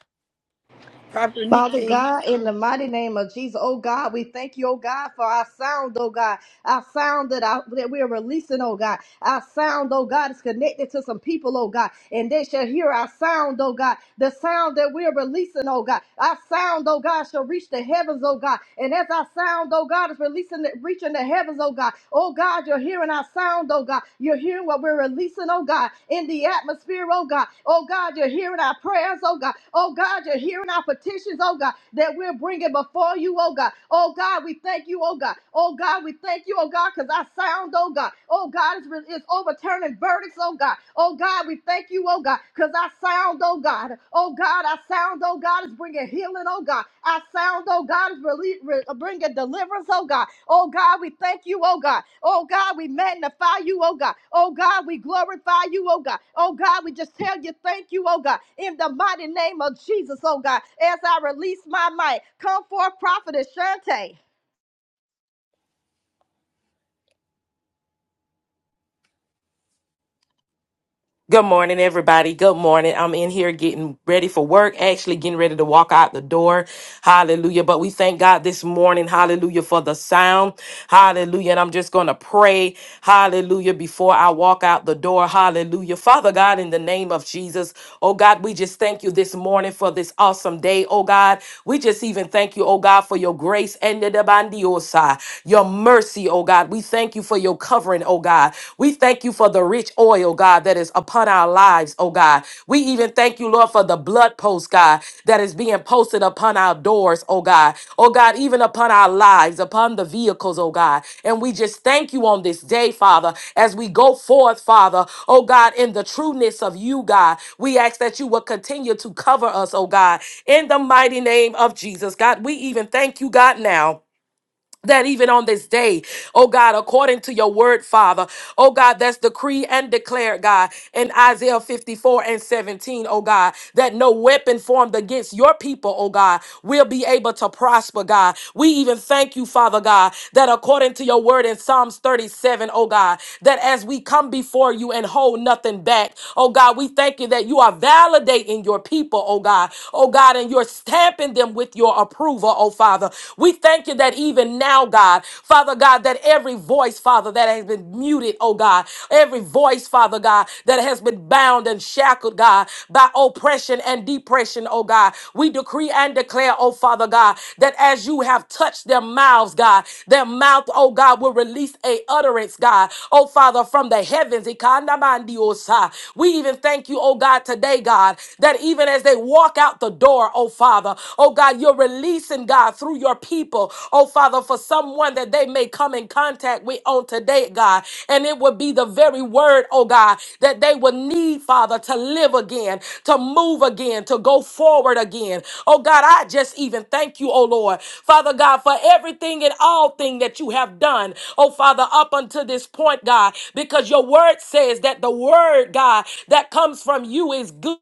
B: Prophet
A: Father
B: Nikki.
A: God, in the mighty name of Jesus, oh God, we thank you, oh God, for our sound, oh God. Our sound that, I, that we are releasing, oh God. Our sound, oh God, is connected to some people, oh God. And they shall hear our sound, oh God. The sound that we are releasing, oh God. Our sound, oh God, shall reach the heavens, oh God. And as our sound, oh God, is releasing, it, reaching the heavens, oh God. Oh God, you're hearing our sound, oh God. You're hearing what we're releasing, oh God, in the atmosphere, oh God. Oh God, you're hearing our prayers, oh God. Oh God, you're hearing our petitions, oh God, that we're bringing before you, oh God. Oh God, we thank you, oh God. God. Oh God, we thank you, oh God, because our sound, oh God. Oh God, is, re- is overturning verdicts, oh God. Oh God, we thank you, oh God, because our sound, oh God. Oh God, our sound, oh God, is bringing healing, oh God. Our sound, oh God, is really, re- bringing deliverance, oh God. Oh God, we thank you, oh God. Oh God, we magnify you, oh God. Oh God, we glorify you, oh God. Oh God, we just tell you thank you, oh God. In the mighty name of Jesus, oh God, as I release my might, come forth, prophetess Shante.
C: Good morning, everybody. Good morning. I'm in here getting ready for work, actually getting ready to walk out the door. Hallelujah. But we thank God this morning, hallelujah, for the sound. Hallelujah. And I'm just going to pray, hallelujah, before I walk out the door. Hallelujah. Father God, in the name of Jesus. Oh God, we just thank you this morning for this awesome day. Oh God, we just even thank you, oh God, for your grace and the bandiosa, your mercy, oh God. We thank you for your covering, oh God. We thank you for the rich oil, oh God, that is upon our lives, oh God. We even thank you, Lord, for the blood post, God, that is being posted posted upon our doors, oh God. Oh God, even upon our lives, upon the vehicles, oh God. And we just thank you on this day, Father, as we go forth, Father, oh God, in the trueness of you, God. We ask that you will continue to cover us, oh God, in the mighty name of Jesus. God, we even thank you, God, now that even on this day, oh God, according to your word, Father, oh God, that's decree and declared, God, in Isaiah 54 and 17, O God, that no weapon formed against your people, oh God, will be able to prosper, God. We even thank you, Father God, that according to your word in Psalms 37, O God, that as we come before you and hold nothing back, oh God, we thank you that you are validating your people, oh God, oh God, and you're stamping them with your approval over, oh Father. We thank you that even now, God, Father God, that every voice, Father, that has been muted, oh God, every voice, Father God, that has been bound and shackled, God, by oppression and depression, oh God. We decree and declare, oh Father God, that as you have touched their mouths, God, their mouth, oh God, will release a utterance, God, oh Father, from the heavens. Ikandamandiosa. We even thank you, oh God, today, God, that even as they walk out the door, door, oh Father. Oh God, you're releasing, God, through your people, oh Father, for someone that they may come in contact with on today, God. And it would be the very word, oh God, that they would need, Father, to live again, to move again, to go forward again. Oh God, I just even thank you, oh Lord. Father God, for everything and all thing that you have done, oh Father, up until this point, God, because your word says that the word, God, that comes from you is good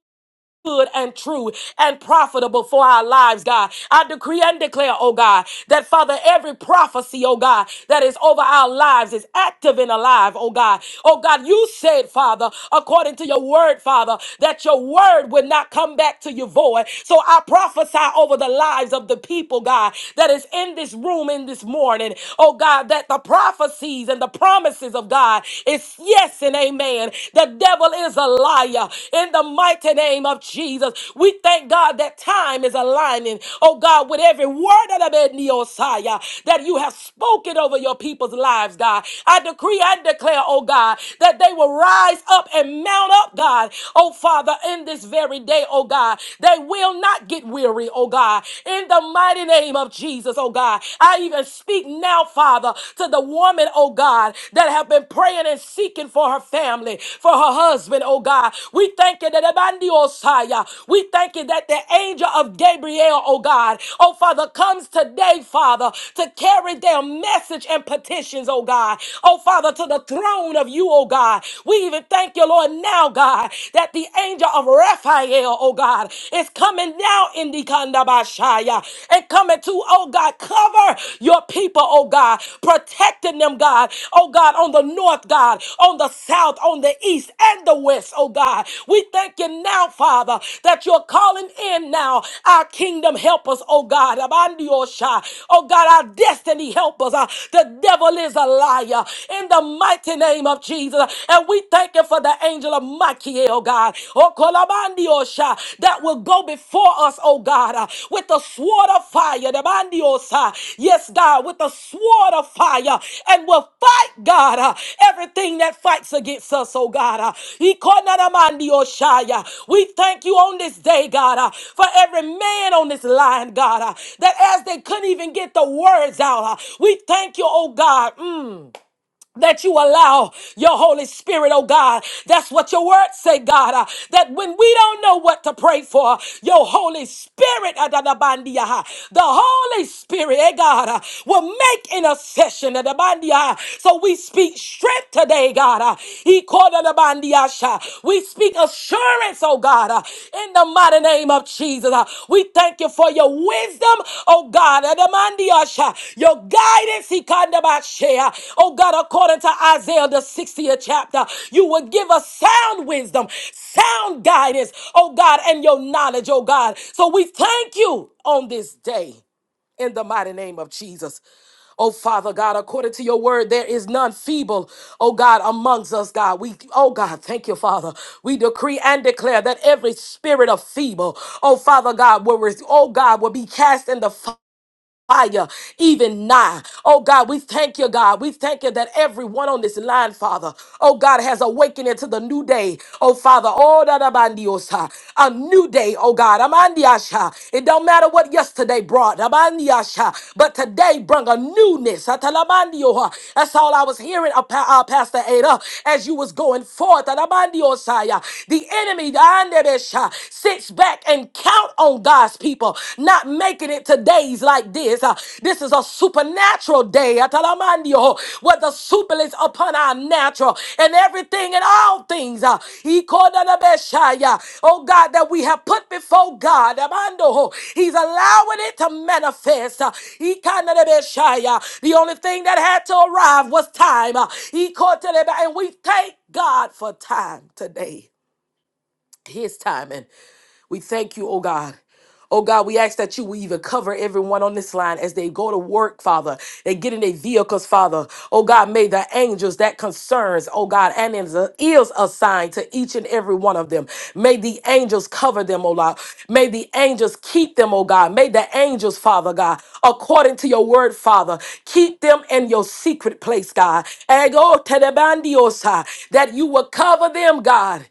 C: good and true and profitable for our lives, God. I decree and declare, oh God, that Father, every prophecy, oh God, that is over our lives is active and alive, oh God. Oh God, you said, Father, according to your word, Father, that your word would not come back to you void. So I prophesy over the lives of the people, God, that is in this room in this morning, oh God, that the prophecies and the promises of God is yes yes and amen. The devil is a liar. In the mighty name of Jesus, we thank God that time is aligning, oh God, with every word of the Neosiah that you have spoken over your people's lives, God. I decree and declare, oh God, that they will rise up and mount up, God, oh Father, in this very day, oh God. They will not get weary, oh God. In the mighty name of Jesus, oh God. I even speak speak now, Father, to the woman, oh God, that have been praying and seeking for her family, for her husband, oh God. We thank you that Ebandi Osaya, we thank you that the angel of Gabriel, oh God, oh Father, comes today, Father, to carry their message and petitions, oh God, oh Father, to the throne of you, oh God. We even thank you, Lord, now, God, that the angel of Raphael, oh God, is coming now in indikandabashaya. And coming to, oh God, cover your people, oh God, protecting them, God, oh God, on the north, God, on the south, on the east, and the west, oh God. We thank you now, Father, that you're calling in now our kingdom helpers, oh God, Abandiyosha. oh God, our destiny helpers. Uh, The devil is a liar in the mighty name of Jesus. And we thank you for the angel of might Makie, oh God. Oh, Kolabandi, osha that will go before us, oh God, uh, with the sword of fire. The Bandi, oh Yes, God, with the sword of fire. And will fight, God, uh, everything that fights against us, oh God. uh. Ikonanamandi, oh Sha, yeah. We thank you on this day, God, uh, for every man on this line, God, uh, that as they couldn't even get the words out, uh, we thank you, oh God. Mm that you allow your Holy Spirit, oh God. That's what your words say, God, uh, that when we don't know what to pray for, your Holy Spirit, adadabandiaha, the Holy Spirit, eh God, uh, will make intercession. adabandiaha. So we speak strength today, God. uh, he called adabandiasha. We speak assurance, strength, oh God, uh, in the mighty name of Jesus. uh, We thank you for your wisdom, oh God, uh, the man, the usher, your guidance, he kind of about share. oh God, according to Isaiah, the 60th chapter, you will give us sound wisdom, sound guidance, oh God, and your knowledge, oh God. So we thank you on this day in the mighty name of Jesus. Oh, Father God, according to your word, there is none feeble, oh God, amongst us, God. We, oh God, thank you, Father. We decree and declare that every spirit of feeble, oh Father God, will, res- oh God, will be cast in the fire fire even now. Oh God, we thank you, God. We thank you that everyone on this line, Father, oh God, has awakened into the new day. Oh Father, oh da da bandiosa, a new day, oh God. Amandiasha. It don't matter what yesterday brought, Amandiasha, but today brought a newness. Atalamandio. That's all I was hearing, uh, Pa- uh, Pastor Ada, as you was going forth. Atamandiosaya. The enemy, the Andebesha, sits back and counts out on God's people, not making it to days like this. Uh, this is a supernatural day, Atalamandio, where the super is upon our natural and everything and all things. Uh, Ikodalabeshaya. oh God, that we have put before God, Amando, He's allowing it to manifest. Uh, Ikanalabeshaya. the only thing that had to arrive was time. Uh, Ikotelebe- and we thank God for time today his timing. We thank you, oh God. Oh God, we ask that you will even cover everyone on this line as they go to work, Father. They get in their vehicles, Father. Oh God, may the angels that concerns, oh God, and is is assigned to each and every one of them. May the angels cover them, oh Lord. May the angels keep them, oh God. May the angels, Father God, according to your word, Father, keep them in your secret place, God. And go to the bandiosa, that you will cover them, God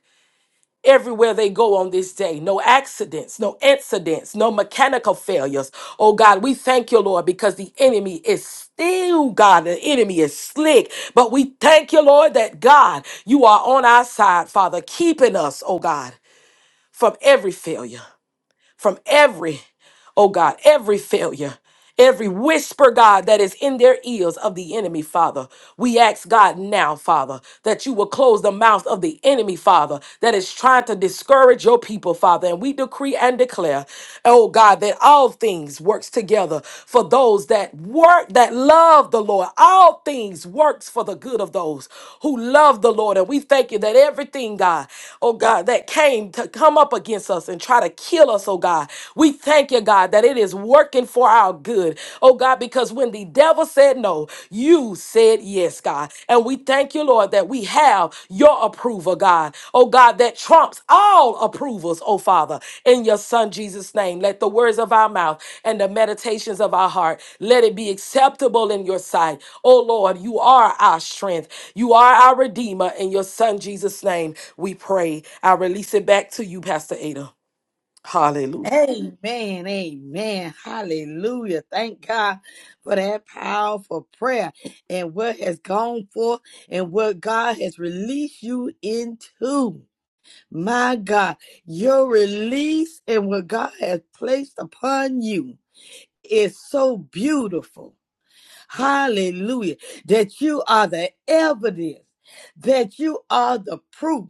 C: everywhere they go on this day. No accidents, no incidents, no mechanical failures. Oh God, we thank you, Lord, because the enemy is still, God, the enemy is slick. But we thank you, Lord, that God, you are on our side, Father, keeping us, oh God, from every failure, from every Oh God, every failure, every whisper, God, that is in their ears of the enemy, Father. We ask God now, Father, that you will close the mouth of the enemy, Father, that is trying to discourage your people, Father. And we decree and declare, oh God, that all things works together for those that work, that love the Lord. All things works for the good of those who love the Lord. And we thank you that everything, God, oh God, that came to come up against us and try to kill us, oh God. God. We thank you, God, that it is working for our good. Oh, God, because when the devil said no, you said yes, God. And we thank you, Lord, that we have your approval, God. Oh, God, that trumps all approvals, oh, Father, in your Son Jesus' name. Let the words of our mouth and the meditations of our heart, let it be acceptable in your sight. Oh, Lord, you are our strength. You are our Redeemer. In your Son Jesus' name, we pray. I release it back to you, Pastor Ada. Hallelujah.
B: Amen. Amen. Hallelujah. Thank God for that powerful prayer and what has gone forth and what God has released you into. My God, your release and what God has placed upon you is so beautiful. Hallelujah. That you are the evidence, that you are the proof.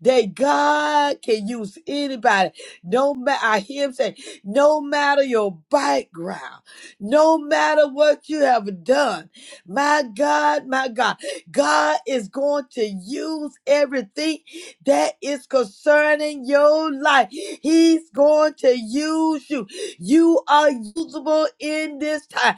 B: That God can use anybody. No matter I hear him say, no matter your background, no matter what you have done. My God, my God, God is going to use everything that is concerning your life. He's going to use you. You are usable in this time.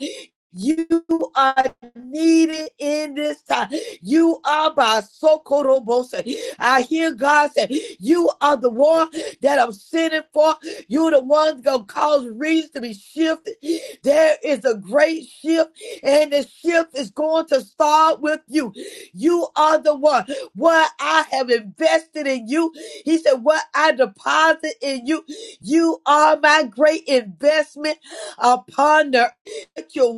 B: You are needed in this time. You are by Sokorobose. I hear God say, You are the one that I'm sending for. You're the one gonna cause reeds to be shifted. There is a great shift, and the shift is going to start with you. You are the one. What I have invested in you, He said, What I deposit in you, you are my great investment upon the earth Your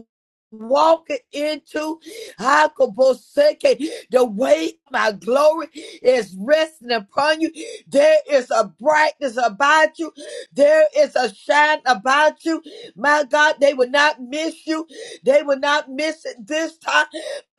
B: walking into Hakoboseke. The weight of my glory is resting upon you. There is a brightness about you. There is a shine about you. My God, they will not miss you. They will not miss it this time.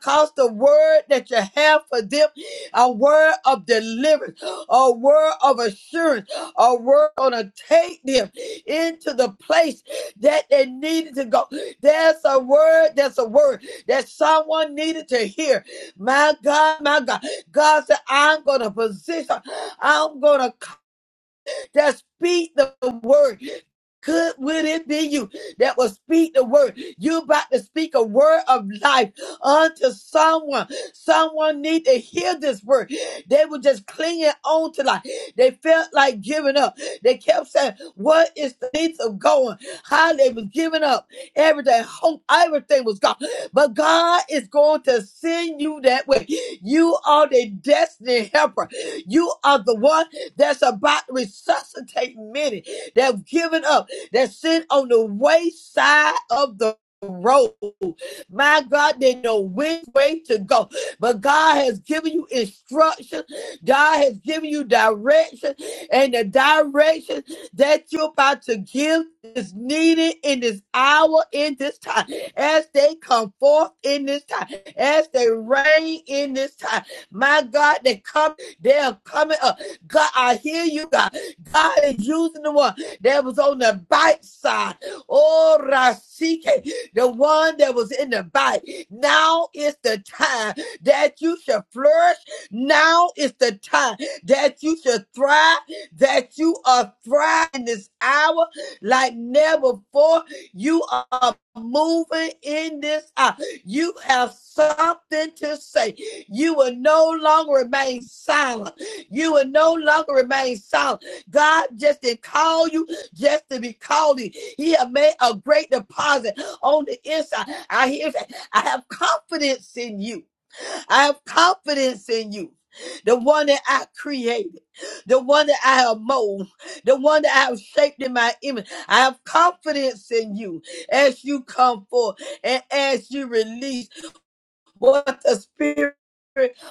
B: Cause the word that you have for them, a word of deliverance, a word of assurance, a word gonna take them into the place that they needed to go. There's a word, there's a word that someone needed to hear. My God, my God. God said, I'm going to position, I'm going to that speak the word could would it be you that will speak the word you about to speak a word of life unto someone someone need to hear this word they were just clinging on to life they felt like giving up they kept saying what is the need of going how they was giving up everything hope everything was gone but god is going to send you that way you are the destiny helper you are the one that's about to resuscitate many that have given up that sit on the wayside of the road. My God, they know which way to go. But God has given you instruction. God has given you direction. And the direction that you're about to give is needed in this hour, in this time, as they come forth in this time, as they reign in this time. My God, they come, they are coming up. God, I hear you, God. God is using the one that was on the bite side. Oh, Rasike, the one that was in the bite. Now is the time that you should flourish. Now is the time that you should thrive, that you are thriving this hour like never before. You are moving in this hour. You have something to say. You will no longer remain silent. You will no longer remain silent. God just didn't call you just to be called in, He has made a great deposit on the inside. I hear that. I have confidence in you. I have confidence in you. The one that I created, the one that I have molded, the one that I have shaped in my image. I have confidence in you as you come forth and as you release what the spirit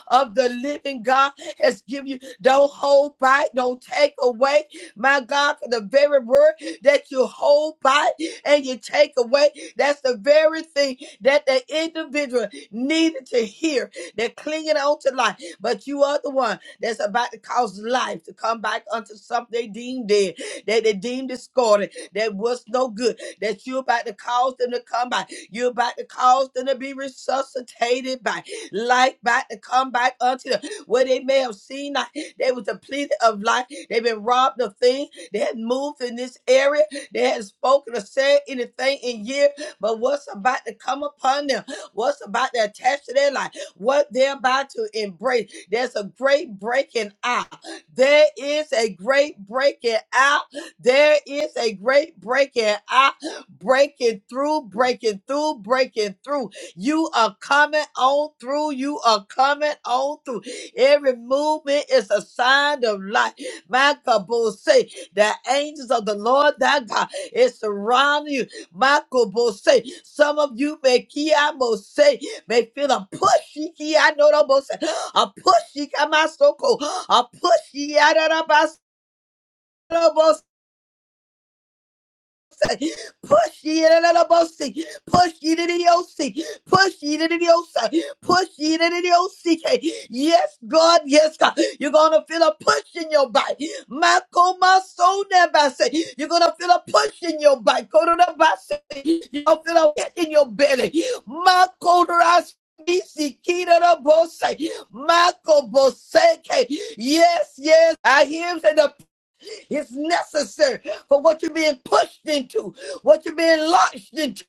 B: of the living God has given you. Don't hold back, don't take away. My God, for the very word that you hold back and you take away, that's the very thing that the individual needed to hear. They're clinging on to life, but you are the one that's about to cause life to come back unto something they deemed dead, that they deemed discarded, that was no good, that you're about to cause them to come back. You're about to cause them to be resuscitated by life, about to come back unto them. Where they may have seen that they was depleted of life. They've been robbed of things. They had moved in this area. They hadn't spoken or said anything in years. But what's about to come upon them? What's about to attach to their life? What they're about to embrace? There's a great breaking out. There is a great breaking out. There is a great breaking out breaking through, breaking through, breaking through. You are coming on through. You are coming on through. Every movement is a sign of life. Michael Bull say the angels of the Lord thy God is surrounding you. Michael Bull say some of you may Kiamo say may feel a pushy key. I know the most a pushy come my so cold. A pushy I don't out of Push ye to the bossy. Push ye to the OC. Push ye to the OC. Push ye to the OC. Yes, God. Yes, God. You're going to feel a push in your body. Mako maso nebase. You're going to feel a push in your body. Koronabase. You're going to feel a hit in your belly. Mako ras. Isi kira da bose. Mako boseke. Yes, yes. I hear him say the. It's necessary for what you're being pushed into, what you're being launched into.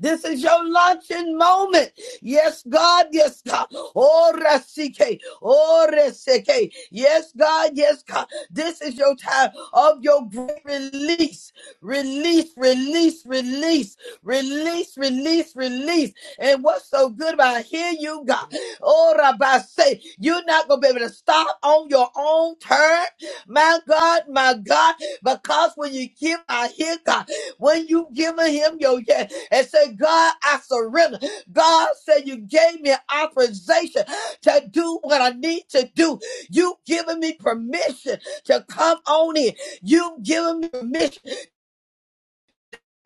B: This is your luncheon moment. Yes, God. Yes, God. Oh, Rasike. Oh, Resike. Yes, God. Yes, God. This is your time of your great release. Release, release, release, release, release, release. And what's so good about it, hear you, God? Oh, Rabbi, say you're not gonna be able to stop on your own turn, my God, my God, because when you give, I hear God. When you give him your yes and say, God, I surrender. God said, You gave me authorization to do what I need to do. You've given me permission to come on in. You've given me permission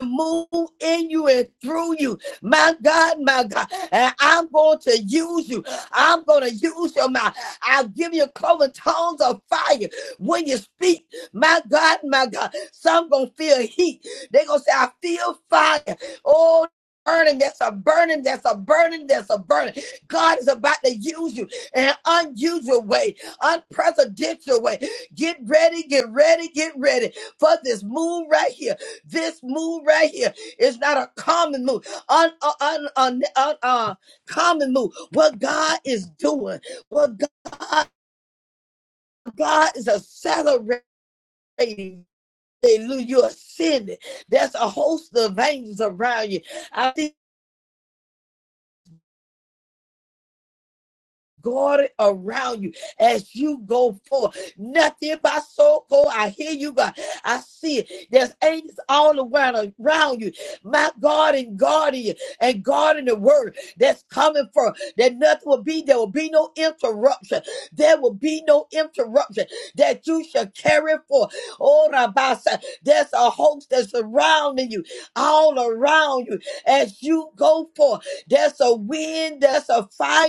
B: move in you and through you. My God, my God. And I'm going to use you. I'm going to use your mouth. I'll give you cloven tongues of fire when you speak. My God, my God. Some going to feel heat. they going to say, I feel fire. Oh, burning, that's a burning, that's a burning, that's a burning. God is about to use you in an unusual way, unprecedented way. Get ready, get ready, get ready for this move right here. This move right here is not a common move, un, un, un, un, un- uh, uh, common move. What God is doing, what God, God is accelerating. Hallelujah, you're ascending. There's a host of angels around you. I see guard around you as you go forth. Nothing by so cold. I hear you, God. I see it. There's angels all around, around you. My God and guardian and guarding the word that's coming from that nothing will be. There will be no interruption. There will be no interruption that you shall carry forth. Oh, Rabasa, there's a host that's surrounding you, all around you as you go forth. There's a wind, there's a fire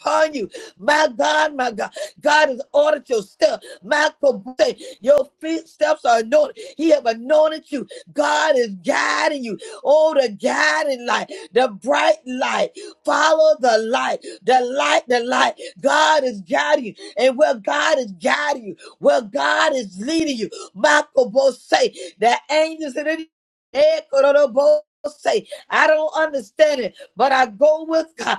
B: upon you. My God, my God. God has ordered your steps. My kabute, your feet steps are anointed. He have anointed you. God is guiding you. Oh, the guiding light, the bright light. Follow the light, the light, the light. God is guiding you. And where God is guiding you, where God is leading you, Michael my say the angels in the Eh, kororo bo- say, I don't understand it, but I go with God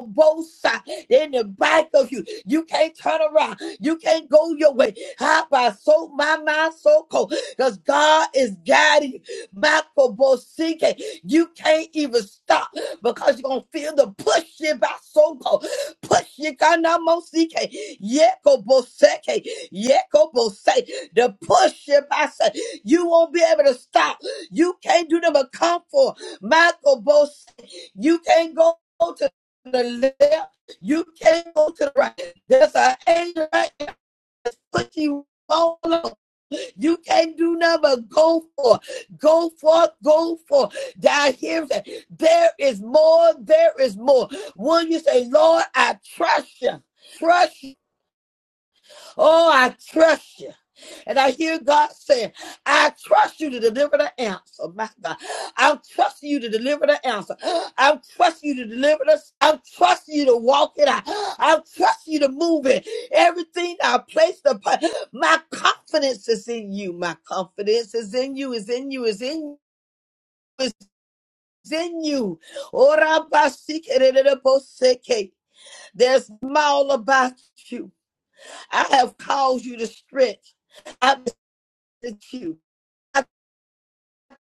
B: both sides in the back of you. You can't turn around. You can't go your way. How by so my mind so cold. Because God is guiding you. Michael Bosike. You can't even stop because you're gonna feel the push it by so cold. Push you it kanamosike. Yeko Boseke. Yeko Bose. The push it by so you won't be able to stop. You can't do them a comfort. Michael Bose. You can't go the left, you can't go to the right. There's an angel right there that's pushing you all along. You can't do nothing but go forth, go forth, go forth. I hear that there is more, there is more. When you say, Lord, I trust you, trust you. Oh, I trust you. And I hear God saying, I trust you to deliver the answer. My God. I'm trusting you to deliver the answer. I'm trusting you to deliver this. I'm trusting you to walk it out. I'm trusting you to move it. Everything I placed upon my confidence is in you. My confidence is in you, is in you, is in you. Is in you. Ora basikeredeboseke. There's all about you. I have caused you to stretch. I'm with you. I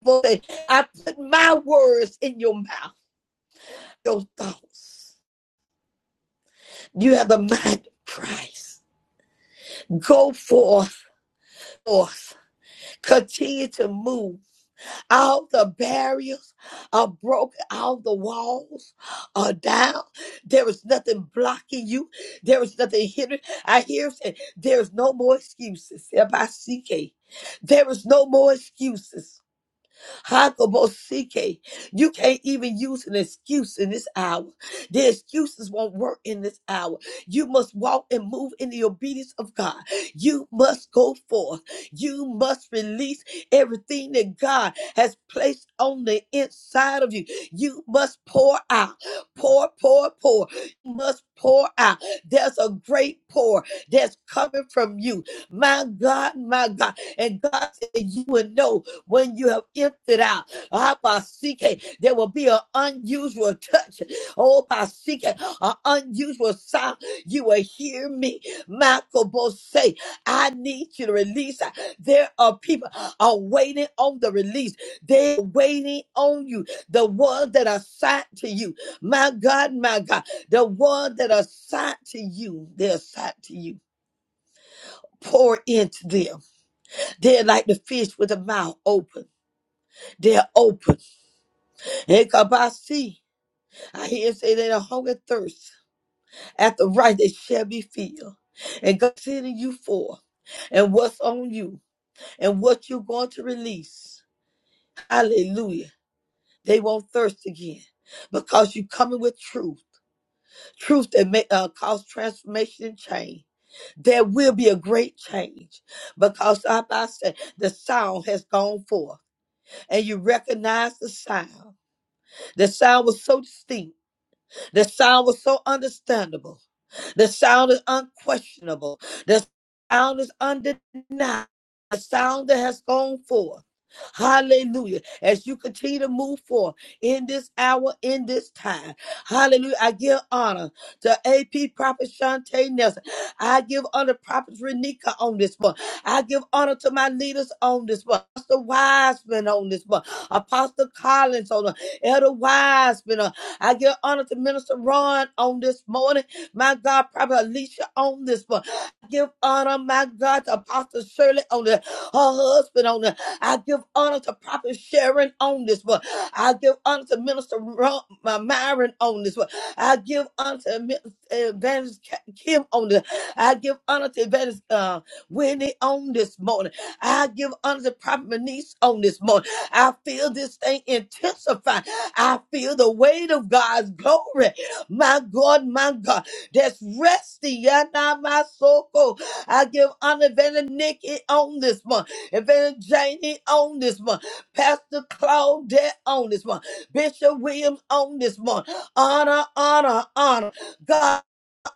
B: voice. I put my words in your mouth, your thoughts. You have the mind of Christ. Go forth, forth. Continue to move. All the barriers are broken. All the walls are down. There is nothing blocking you. There is nothing hindering. I hear saying, there is no more excuses. F-I-C-K. There is no more excuses. Hakobosike. You can't even use an excuse in this hour. The excuses won't work in this hour. You must walk and move in the obedience of God. You must go forth. You must release everything that God has placed on the inside of you. You must pour out. Pour, pour, pour. You must pour out. There's a great pour that's coming from you. My God, my God. And God said, You will know when you have emptied out, ah, Basike, there will be an unusual touch. Oh, Basike, an unusual sound. You will hear me. Michael Bose say, I need you to release. There are people are waiting on the release. They're waiting on you. The ones that are signed to you. My God, my God. The ones that are signed to you, they're signed to you. Pour into them. They're like the fish with the mouth open. They're open. Ekabasi. I hear him say that a hunger thirst after right they shall be filled. And God sending you forth and what's on you and what you're going to release. Hallelujah. They won't thirst again because you're coming with truth. Truth that may uh, cause transformation and change. There will be a great change because like I said, the sound has gone forth and you recognize the sound. The sound was so distinct The sound was so understandable. The sound is unquestionable. The sound is undeniable. The sound that has gone forth. Hallelujah. As you continue to move forth in this hour, in this time. Hallelujah. I give honor to AP Prophet Shantae Nelson. I give honor to Prophet Renika on this one. I give honor to my leaders on this one. Apostle Wiseman on this one. Apostle Collins on the Elder Wiseman. uh, I give honor to Minister Ron on this morning. My God, Prophet Alicia on this one. I give honor, my God, to Apostle Shirley on this, her husband on this. I give honor to Prophet Sharon on this one. I give honor to Minister Ron, my Myron on this one. I give honor to Mi- uh, Evangelist Ka- Kim on this. I give honor to Evangelist uh, Wendy on this morning. I give honor to Prophet Manice on this morning. I feel this thing intensify. I feel the weight of God's glory. My God, my God, that's resting. Yana my soko. I give honor Vanna Nikki on this one, Vanna Janie on this one, Pastor Claudette on this one, Bishop Williams on this one. Honor, honor, honor. God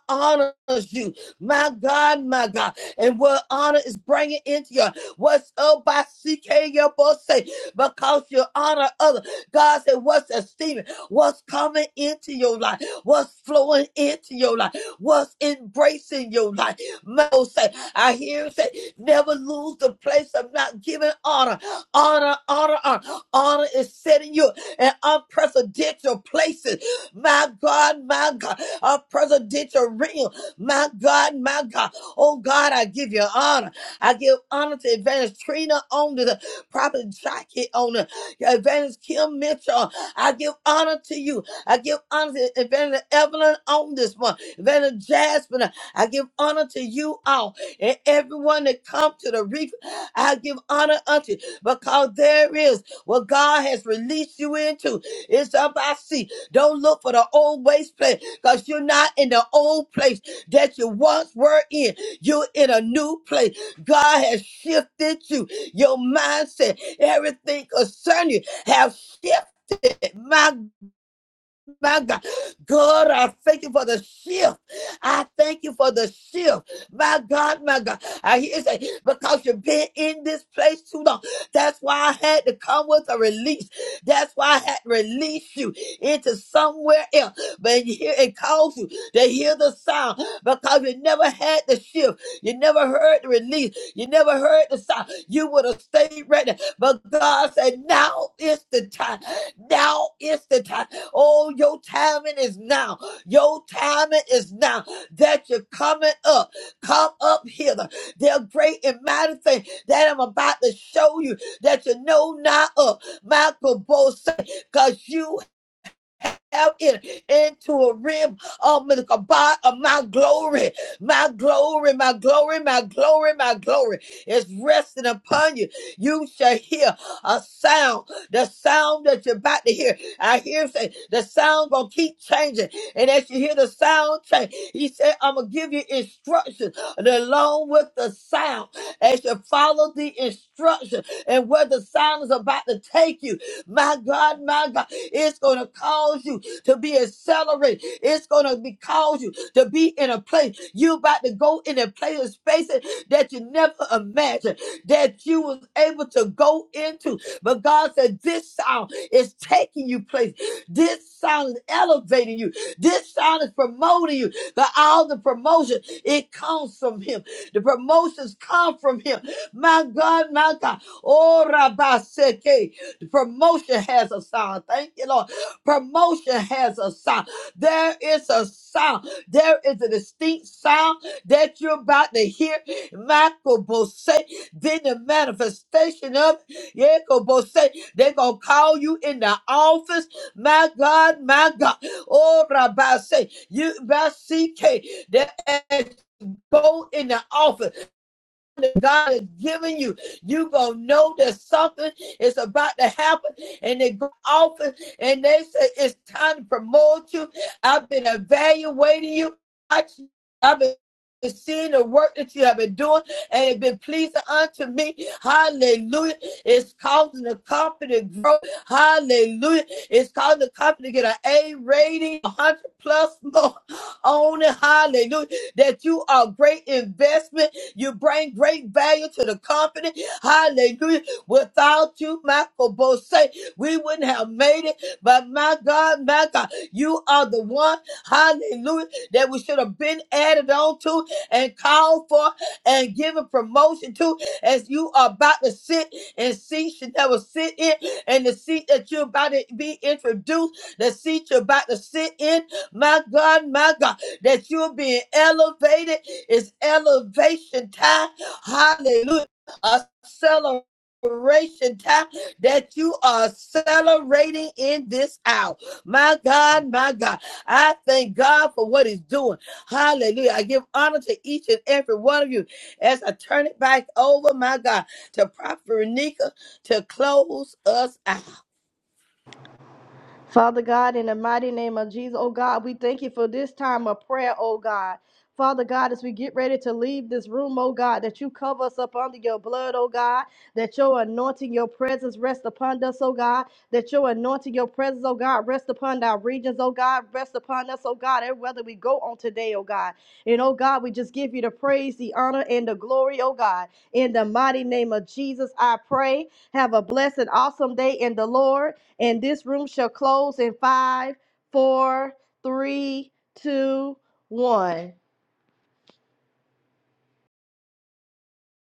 B: honors you. My God, my God. And what honor is bringing into your what's up by CK, your boss say, because you honor other. God said, what's esteeming, what's coming into your life, what's flowing into your life, what's embracing your life. Mo say, I hear him say, never lose the place of not giving honor. Honor, honor, honor. Honor is setting you in unprecedented places my God, my God, a presidential ring, my God, my God. Oh God, I give you honor. I give honor to Advantage Trina on the Prophet Jackie on the Advantage Kim Mitchell. I give honor to you. I give honor to Advantage Evelyn on this one, Advantage Jasmine. I give honor to you all and everyone that come to the reef. I give honor unto you because there is what God has released you into. It's up I see. Don't look for the old waste place because you're not in the old place that you once were in. You're in a new place. God has shifted you. Your mindset, everything concerning you have shifted. My my God, God, I thank you for the shift. I thank you for the shift. My God, my God. I hear you say, because you've been in this place too long. That's why I had to come with a release. That's why I had to release you into somewhere else. But here it calls you to hear the sound because you never had the shift. You never heard the release. You never heard the sound. You would have stayed right there. But God said, now is the time. Now is the time. Oh, your timing is now. Your timing is now that you're coming up. Come up hither. They're great and mighty things that I'm about to show you that you know not of. Michael Bose, because you out in, into a rim of my glory. My glory, my glory, my glory, my glory is resting upon you. You shall hear a sound, the sound that you're about to hear. I hear say the sound gonna keep changing, and as you hear the sound change, he said, "I'm gonna give you instructions along with the sound as you follow the instruction and where the sound is about to take you." My God, my God, it's gonna cause you to be accelerated. It's going to be cause you to be in a place. you about to go in a place of spaces that you never imagined that you was able to go into. But God said, this sound is taking you place. This sound is elevating you. This sound is promoting you. The all the promotion, it comes from him. The promotions come from him. My God, my God. Oh, Rabbi Seke. The promotion has a sound. Thank you, Lord. Promotion has a sound. There is a sound. There is a distinct sound that you're about to hear. Michael Bose, then the manifestation of Michael Bose. They're going to call you in the office. My God, my God. Oh, Rabbi, say, you, Rabbi CK, that as you go in the office that God has given you. You gonna know that something is about to happen, and they go off and they say it's time to promote you. I've been evaluating you. I- have been seeing the work that you have been doing, and it's been pleasing unto me. Hallelujah! It's causing the company to grow. Hallelujah! It's causing the company to get an A rating, a hundred plus more on it. Hallelujah! That you are a great investment. You bring great value to the company. Hallelujah. Without you, Michael Bose, we wouldn't have made it. But my God, my God, you are the one, hallelujah, that we should have been added on to and called for and given promotion to as you are about to sit in seats you never sit in and the seat that you're about to be introduced, the seat you're about to sit in. My God, my God that you're being elevated. It's elevation time. Hallelujah. A celebration time that you are celebrating in this hour. My God, my God. I thank God for what He's doing. Hallelujah. I give honor to each and every one of you as I turn it back over, my God, to Prophet Renika to close us out.
A: Father God, in the mighty name of Jesus, oh God, we thank you for this time of prayer, oh God. Father God, as we get ready to leave this room, oh God, that you cover us up under your blood, oh God, that your anointing, your presence rest upon us, oh God, that your anointing, your presence, oh God, rest upon our regions, oh God, rest upon us, oh God, and whether we go on today, oh God. And oh God, we just give you the praise, the honor, and the glory, oh God. In the mighty name of Jesus, I pray. Have a blessed, awesome day in the Lord. And this room shall close in five, four, three, two, one.